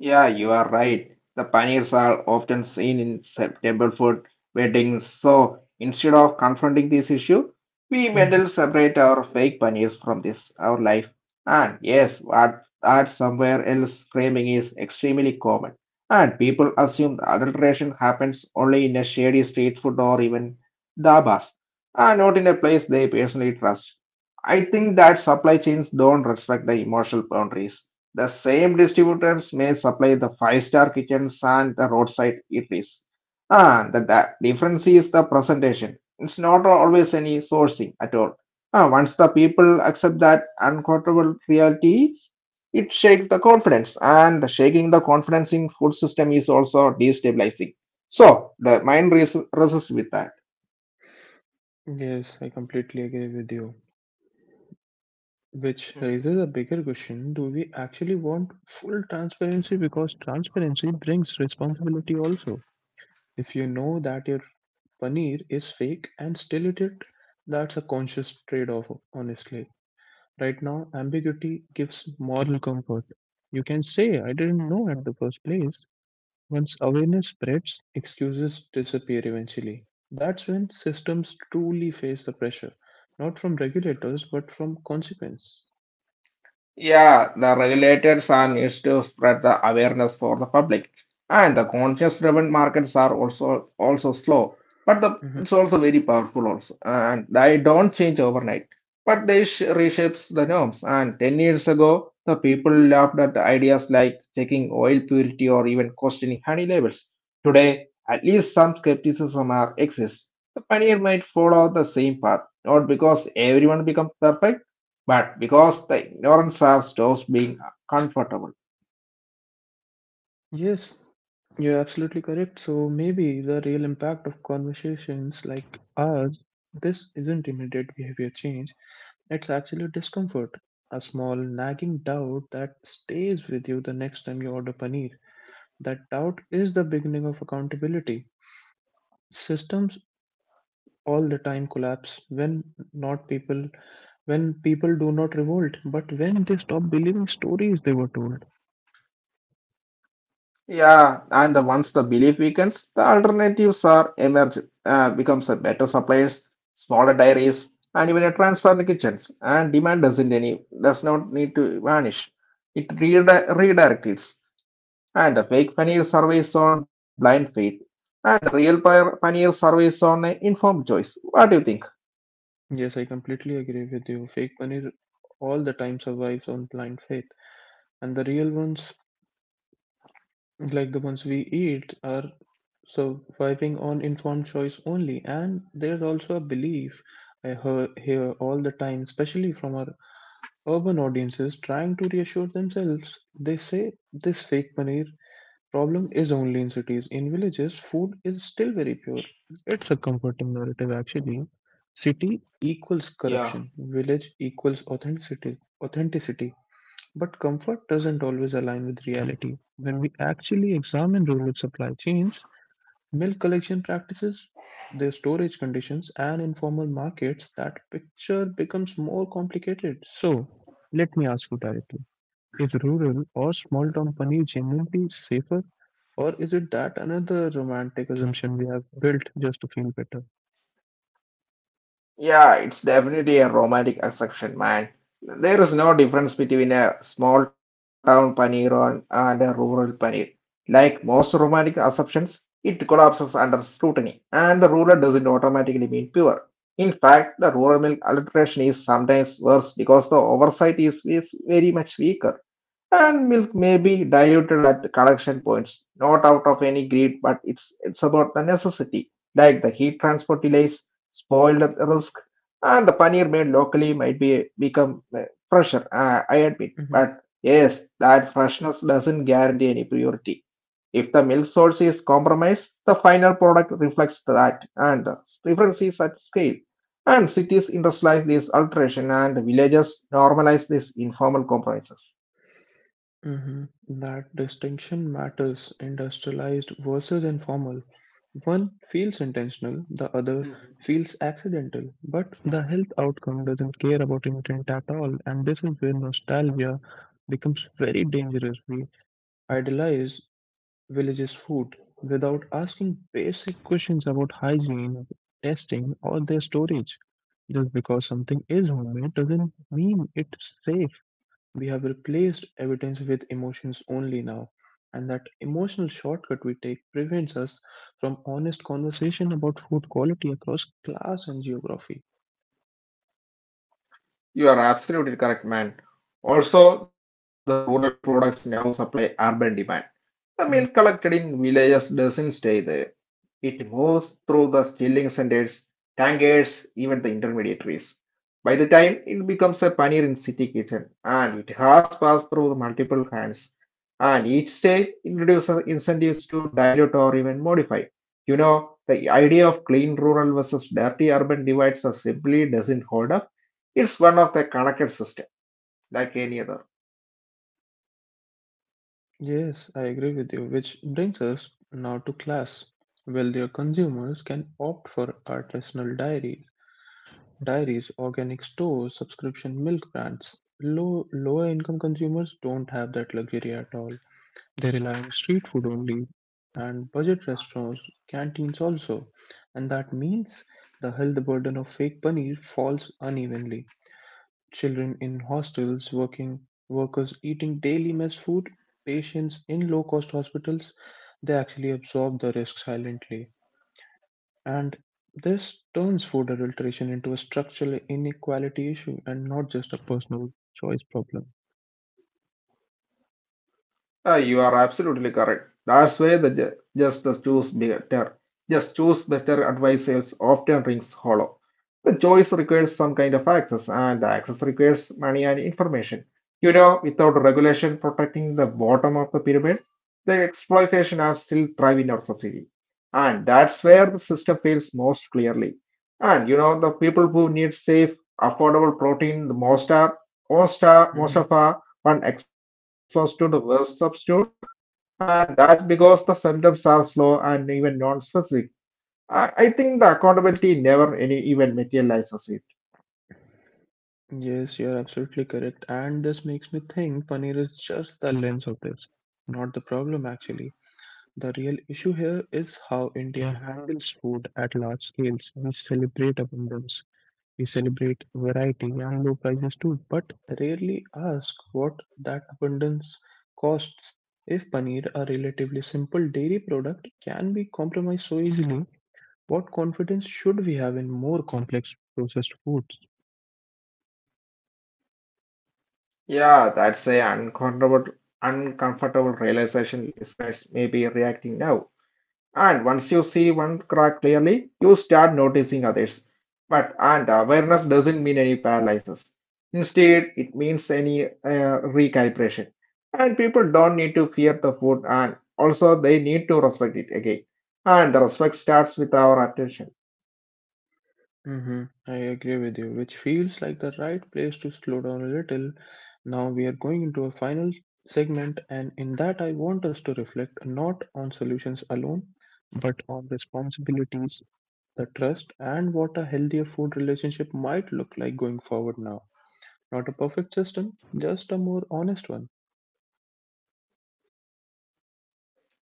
Speaker 2: Yeah, you are right. The paneers are often seen in September food weddings. So instead of confronting this issue, we mentally separate our fake paneers from this, our life. And yes, what art somewhere else framing is extremely common. And people assume the adulteration happens only in a shady street food or even dabas, and not in a place they personally trust. I think that supply chains don't respect the emotional boundaries the same distributors may supply the five-star kitchens and the roadside eateries. The difference is the presentation. It's not always any sourcing at all. Once the people accept that uncomfortable realities, it shakes the confidence, and shaking the confidence in food system is also destabilizing. So the mind resists with that.
Speaker 1: Yes, I completely agree with you. Which raises a bigger question, do we actually want full transparency? Because transparency brings responsibility also. If you know that your paneer is fake and still eat it, that's a conscious trade off, honestly. Right now, ambiguity gives moral comfort. You can say, I didn't know at the first place. Once awareness spreads, excuses disappear eventually. That's when systems truly face the pressure, not from regulators, but from consequence.
Speaker 2: Yeah, the regulators are needs to spread the awareness for the public, and the conscious-driven markets are also slow, but the
Speaker 1: Mhm.
Speaker 2: it's also very powerful also, and they don't change overnight. But they sh reshapes the norms. And 10 years ago, the people laughed at ideas like checking oil purity or even questioning honey labels. Today, at least some skepticism are exists. The pioneer might follow the same path, not because everyone becomes perfect but because the ignorance are stops being comfortable.
Speaker 1: Yes, you're absolutely correct. So maybe the real impact of conversations like ours, this isn't immediate behavior change, it's actually discomfort. A small nagging doubt that stays with you the next time you order paneer. That doubt is the beginning of accountability. Systems all the time collapse when not people when people do not revolt but when they stop believing stories they were told.
Speaker 2: Yeah, and the once the belief weakens, the alternatives are emerge, becomes a better suppliers, smaller dairies, and even a transfer in the kitchens. And demand doesn't any does not need to vanish. It redirects, and the fake paneer surveys on blind faith, and the real paneer surveys on a informed choice. What do you think?
Speaker 1: Yes, I completely agree with you. Fake money r- all the time survives on blind faith, and the real ones, like the ones we eat, are surviving on informed choice only. And there's also a belief I hear all the time, especially from our urban audiences trying to reassure themselves. They say this fake money problem is only in cities. In villages, food is still very pure. It's a comforting narrative actually. City equals corruption, village equals authenticity. Authenticity. But comfort doesn't always align with reality. When we actually examine rural supply chains, milk collection practices, their storage conditions, and informal markets, that picture becomes more complicated. So, let me ask you directly: is rural or small town paneer genuinely safer, or is it that another romantic assumption we have built just to feel better?
Speaker 2: Yeah, it's definitely a romantic exception, man. There is no difference between a small town paneer and a rural paneer. Like most romantic assumptions, it collapses under scrutiny, and the rural doesn't automatically mean pure. In fact, the rural milk adulteration is sometimes worse because the oversight is very much weaker, and milk may be diluted at the collection points, not out of any greed, but it's about the necessity, like the heat transport delays spoiled risk and the paneer made locally might be become fresher, I admit.
Speaker 1: Mhm.
Speaker 2: But yes, that freshness doesn't guarantee any purity. If the milk source is compromised, the final product reflects that, and the difference is at scale. And cities industrialize this alteration, and villages normalize these informal compromises.
Speaker 1: Mhm. That distinction matters, industrialized versus informal. One feels intentional, the other feels accidental, but the health outcome doesn't care about intent at all, and this is where nostalgia becomes very dangerous. We idolize villages' food without asking basic questions about hygiene, testing, or their storage. Just because something is homemade doesn't mean it's safe. We have replaced evidence with emotions only now, and that emotional shortcut we take prevents us from honest conversation about food quality across class and geography.
Speaker 2: You are absolutely correct, man. Also, the rural products now supply urban demand. The
Speaker 1: Mhm.
Speaker 2: milk collected in villages doesn't stay there. It moves through the chilling centers, tankers, even the intermediaries. By the time it becomes a paneer in city kitchen, and it has passed through the multiple hands, and each state introduces incentives to dilute or even modify. You know, the idea of clean rural versus dirty urban divides are simply doesn't hold up. It's one of the connected systems like any other.
Speaker 1: Yes, I agree with you, which brings us now to class. Wealthier consumers can opt for artisanal dairies, dairies, organic stores, subscription milk brands. Lower income consumers don't have that luxury at all. They rely on street food only and budget restaurants, canteens also. And that means the health burden of fake paneer falls unevenly. Children in hostels, working workers eating daily mess food, patients in low cost hospitals, they actually absorb the risk silently. And this turns food adulteration into a structural inequality issue and not just a personal choice problem.
Speaker 2: You are absolutely correct. That's why the just choose better advisors often rings hollow. The choice requires some kind of access, and access requires money and information. You know, without regulation protecting the bottom of the pyramid, the exploitation are still thrive in our society. And that's where the system fails most clearly. And you know, the people who need safe, affordable protein the most are most are most
Speaker 1: Hmm.
Speaker 2: of are one exposed to the worst substitute. And that's because the symptoms are slow and even non-specific. I think the accountability never any even materializes.
Speaker 1: Yes, you're absolutely correct. And this makes me think paneer is just the lens of this, not the problem actually. The real issue here is how India handles food at large scales. We celebrate abundance, we celebrate variety and low prices too, but rarely ask what that abundance costs. If paneer, a relatively simple dairy product, can be compromised so easily, what confidence should we have in more complex processed foods?
Speaker 2: Yeah, that's a uncomfortable realization listeners may be reacting now. And once you see one crack clearly, you start noticing others. But and awareness doesn't mean any paralysis. Instead, it means any recalibration. And people don't need to fear the food, and also they need to respect it again. And the respect starts with our attention.
Speaker 1: Hmm, I agree with you, which feels like the right place to slow down a little. Now we are going into a final segment, and in that, I want us to reflect not on solutions alone, but on responsibilities, the trust, and what a healthier food relationship might look like going forward now. Not a perfect system, just a more honest one.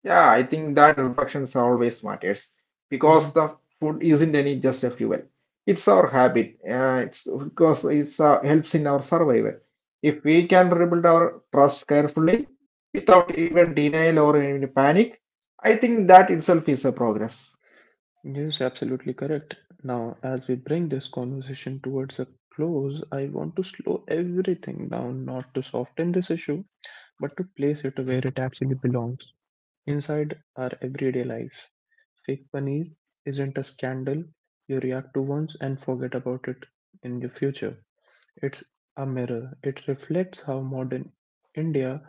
Speaker 2: Yeah, I think that reflections always matters because
Speaker 1: Mhm.
Speaker 2: the food isn't any just a fuel. It's our habit. It's because it's helps in our survival. If we can rebuild our trust carefully without even denial or any panic, I think that itself is a progress.
Speaker 1: Yes, absolutely correct. Now, as we bring this conversation towards a close, I want to slow everything down, not to soften this issue, but to place it where it actually belongs, inside our everyday lives. Fake paneer isn't a scandal you react to once and forget about it in the future. It's a mirror. It reflects how modern India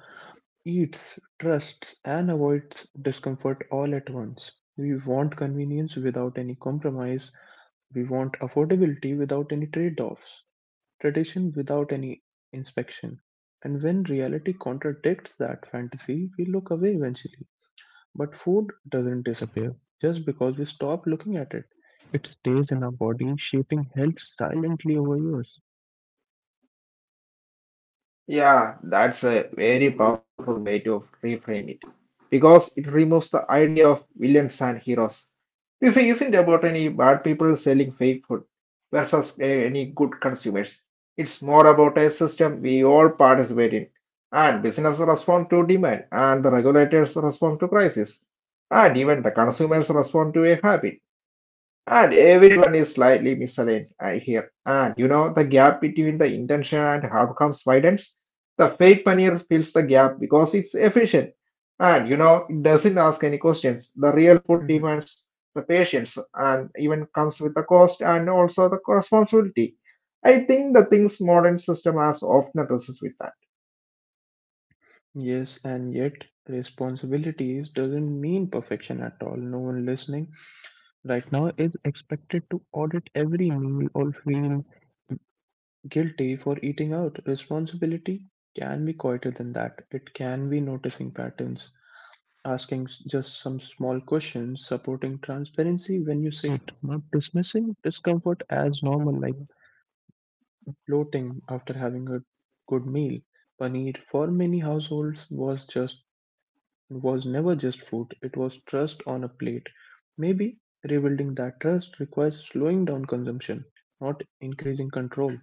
Speaker 1: eats, trusts, and avoids discomfort all at once. We want convenience without any compromise. We want affordability without any trade offs, tradition without any inspection. And when reality contradicts that fantasy, we look away eventually. But food doesn't disappear just because we stop looking at it. It stays in our body, shaping health silently over years.
Speaker 2: Yeah, that's a very powerful way to reframe it because it removes the idea of villains and heroes. This isn't about any bad people selling fake food versus any good consumers. It's more about a system we all participate in, and businesses respond to demand, and the regulators respond to crisis, and even the consumers respond to a habit. And everyone is slightly misaligned, I hear. And you know, the gap between the intention and outcomes widens the fake paneer fills the gap because it's efficient and it doesn't ask any questions. The real food demands the patience and even comes with the cost and also the responsibility. I think the things modern system has often addresses with that.
Speaker 1: Yes, and yet responsibilities doesn't mean perfection at all. No one listening right now is expected to audit every meal or feel guilty for eating out. Responsibility can be quieter than that. It can be noticing patterns, asking s- just some small questions, supporting transparency when you say it, not dismissing discomfort as normal, like bloating after having a good meal. Paneer for many households was just, it was never just food, it was trust on a plate. Maybe rebuilding that trust requires slowing down consumption, not increasing control.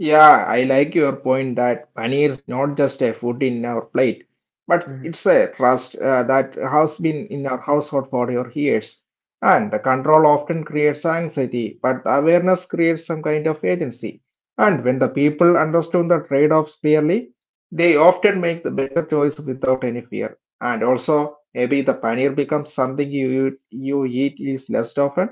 Speaker 2: Yeah, I like your point that paneer is not just a food in our plate, but
Speaker 1: Mhm.
Speaker 2: it's a trust that has been in our household for your years. And the control often creates anxiety, but awareness creates some kind of agency. And when the people understand the trade-offs clearly, they often make the better choice without any fear. And also, maybe the paneer becomes something eat is less often,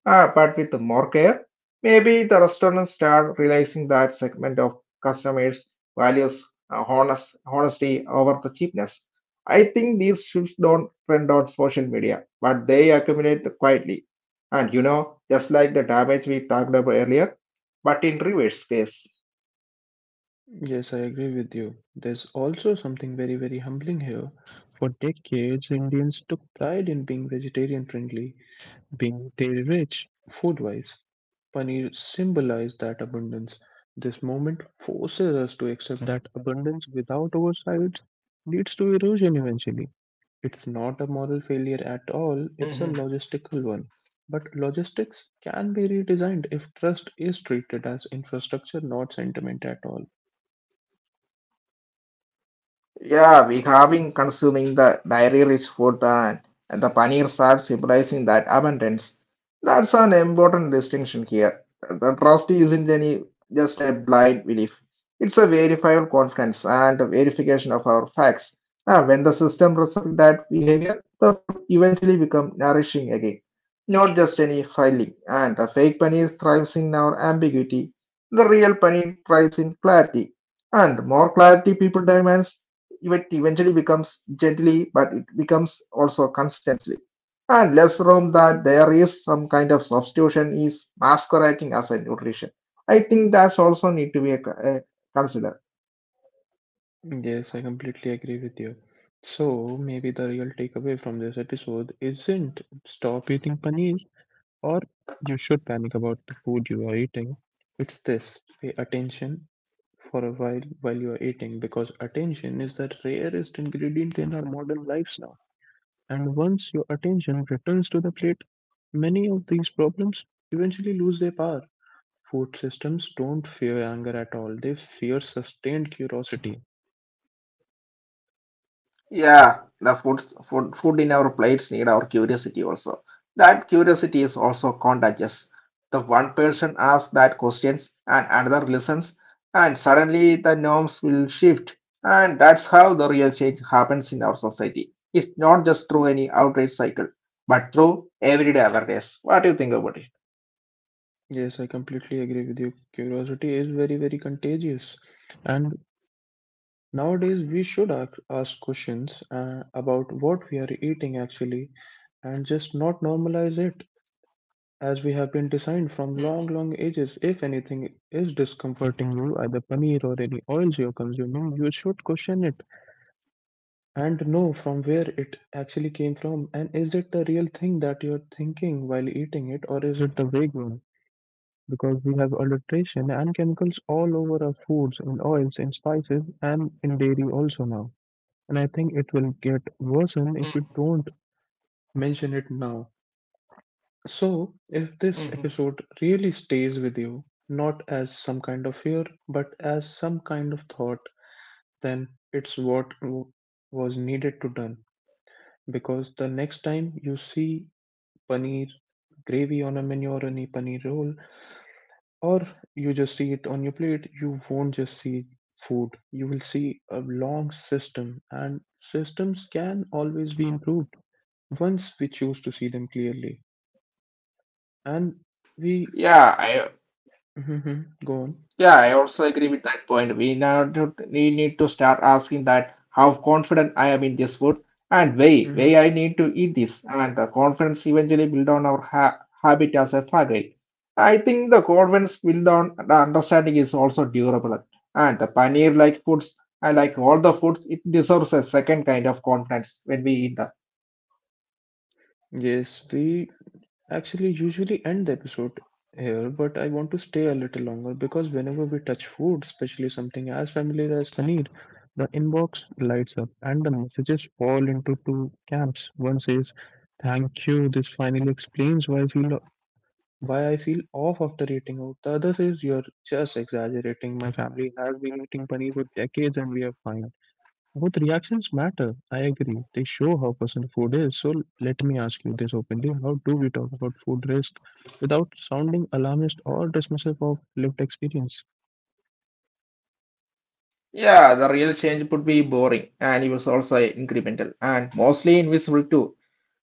Speaker 2: but with more care. Maybe the restaurants start realizing that segment of customers values honesty over the cheapness. I think these shifts don't trend on social media, but they accumulate quietly. And you know, just like the damage we talked about earlier, but in reverse case.
Speaker 1: Yes, I agree with you. There's also something very humbling here. For decades, Indians took pride in being vegetarian friendly, being dairy rich, food wise. Paneer symbolized that abundance. This moment forces us to accept that abundance without oversight leads to erosion eventually. It's not a moral failure at all, it's a logistical one. But logistics can be redesigned if trust is treated as infrastructure, not sentiment at all.
Speaker 2: Yeah, we have been consuming the dairy-rich food and the paneers are symbolizing that abundance. That's an important distinction here. The trust isn't any just a blind belief. It's a verifiable confidence and a verification of our facts. Now, when the system respects that behavior, the food eventually becomes nourishing again, not just any filling. And the fake paneer thrives in our ambiguity. The real paneer thrives in clarity. And the more clarity people demand, it eventually becomes gently, but it becomes also consistency. And let's assume that there is some kind of substitution is masquerading as a nutrition. I think that's also need to be a considered.
Speaker 1: Yes, I completely agree with you. So, maybe the real takeaway from this episode isn't stop eating paneer or you should panic about the food you are eating. It's this, pay attention for a while you are eating, because attention is the rarest ingredient in our modern lives now. And once your attention returns to the plate, many of these problems eventually lose their power. Food systems don't fear anger at all, they fear sustained curiosity.
Speaker 2: Yeah, the food in our plates need our curiosity also. That curiosity is also contagious. The one person asks that questions and another listens, and suddenly the norms will shift. And that's how the real change happens in our society. It's not just through any outrage cycle, but through everyday awareness. What do you think about it?
Speaker 1: Yes, I completely agree with you. Curiosity is very contagious. And nowadays, we should ac- ask questions about what we are eating actually, and just not normalize it, as we have been designed from long, long ages. If anything is discomforting you, either paneer or any oils you're consuming, you should question it and know from where it actually came from. And is it the real thing that you're thinking while eating it, or is it the vague one? Because we have adulteration and chemicals all over our foods, in oils, in spices, and in dairy also now. And I think it will get worsened if we don't mention it now. So, if this episode really stays with you, not as some kind of fear, but as some kind of thought, then it's what w- was needed to done. Because the next time you see paneer gravy on a menu or any paneer roll, or you just see it on your plate, you won't just see food. You will see a long system, and systems can always be improved once we choose to see them clearly. And we
Speaker 2: Yeah, I
Speaker 1: go on.
Speaker 2: Yeah, I also agree with that point. We now we need to start asking that how confident I am in this food and
Speaker 1: Hmm.
Speaker 2: way I need to eat this, and the confidence eventually build on our ha habit as a fragile. I think the confidence build on the understanding is also durable, and the paneer like foods, I like all the foods, it deserves a second kind of confidence when we eat them.
Speaker 1: Yes, we actually usually end the episode here, but I want to stay a little longer because whenever we touch food, especially something as familiar as paneer, the inbox lights up and the messages fall into two camps. One says, "Thank you, this finally explains why I feel off after eating out." The other says, "You're just exaggerating. My family has been eating paneer for decades, and we are fine." Both reactions matter. I agree. They show how personal food is. So let me ask you this openly. How do we talk about food risk without sounding alarmist or dismissive of lived experience?
Speaker 2: Yeah, the real change would be boring and it was also incremental and mostly invisible too.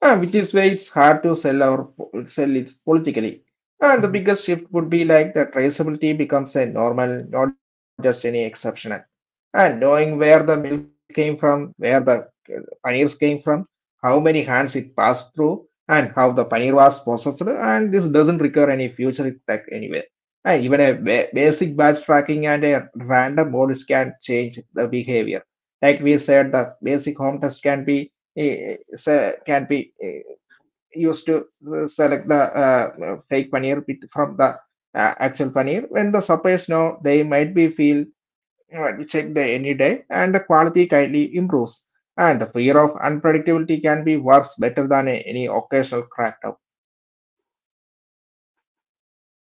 Speaker 2: Which is why it's hard to sell it politically. And the
Speaker 1: Mhm.
Speaker 2: biggest shift would be like that traceability becomes a normal, not just any exceptional. And knowing where the milk came from, where the paneers came from, how many hands it passed through, and how the paneer was processed, and this doesn't require any future tech anywhere. And even a basic batch tracking and a random modus can change the behavior. Like we said, the basic home test can be eh, eh, sa- can be eh, used to select the fake paneer bit from the actual paneer. When the suppliers know, they might be feel checked any day, and the quality kindly improves. And the fear of unpredictability can be worse, better than any occasional crackdown.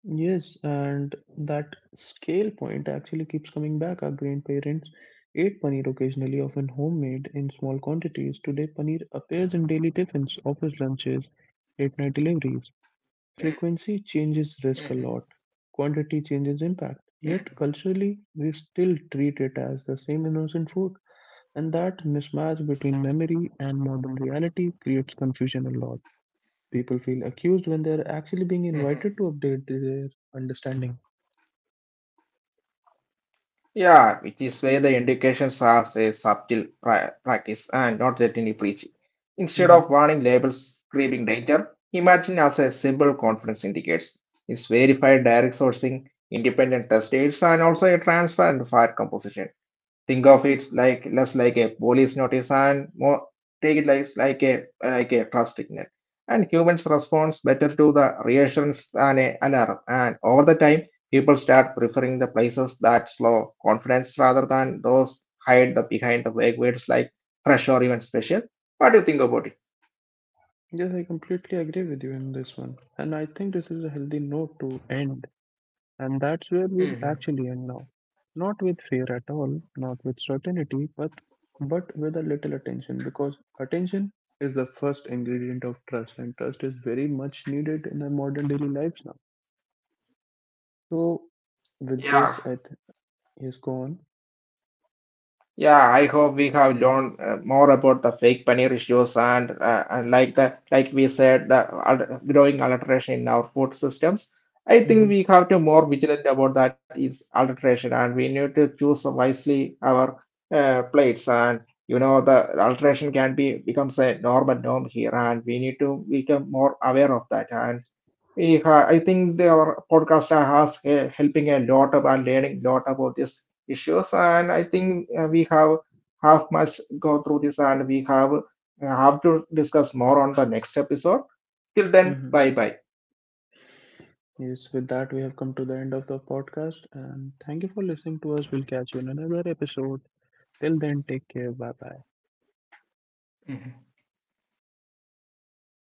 Speaker 1: Yes, and that scale point actually keeps coming back. Our grandparents ate paneer occasionally, often homemade in small quantities. Today, paneer appears in daily tiffins, office lunches, late night deliveries. Frequency changes risk a lot, quantity changes impact. Yet culturally, we still treat it as the same innocent food, and that mismatch between memory and modern reality creates confusion a lot. People feel accused when they're actually being invited to update their understanding.
Speaker 2: Yeah, it is where the indications are a subtle practice and not that any preaching. Instead
Speaker 1: Hmm.
Speaker 2: of warning labels screaming danger, imagine as a simple confidence indicates. It's verified direct sourcing, independent test aids, and also a transparent fire composition. Think of it like less like a police notice and more take it like a trust signal. And humans responds better to the reassurance than a alarm. And over the time people start preferring the places that slow confidence rather than those hide the behind the vague words like fresh or even special. What do you think about it?
Speaker 1: Yes, I completely agree with you in this one, and I think this is a healthy note to end. And that's where we'll actually end now. Not with fear at all, not with certainty, but with a little attention, because attention is the first ingredient of trust, and trust is very much needed in our modern daily lives now. So with this
Speaker 2: Yeah,
Speaker 1: I th- yes go on.
Speaker 2: Yeah, I hope we have learned more about the fake paneer issues and like we said the growing adulteration in our food systems. I think
Speaker 1: Hmm.
Speaker 2: we have to more vigilant about that is adulteration and we need to choose wisely our plates and the adulteration can be becomes a normal norm here and we need to become more aware of that and we I think our podcast has helping a lot about learning a lot about these issues, and I think we have much go through this, and we have to discuss more on the next episode. Till then,
Speaker 1: Hmm.
Speaker 2: bye bye.
Speaker 1: Yes, with that we have come to the end of the podcast and thank you for listening to us. We'll catch you in another episode. Till then, take care. Bye bye.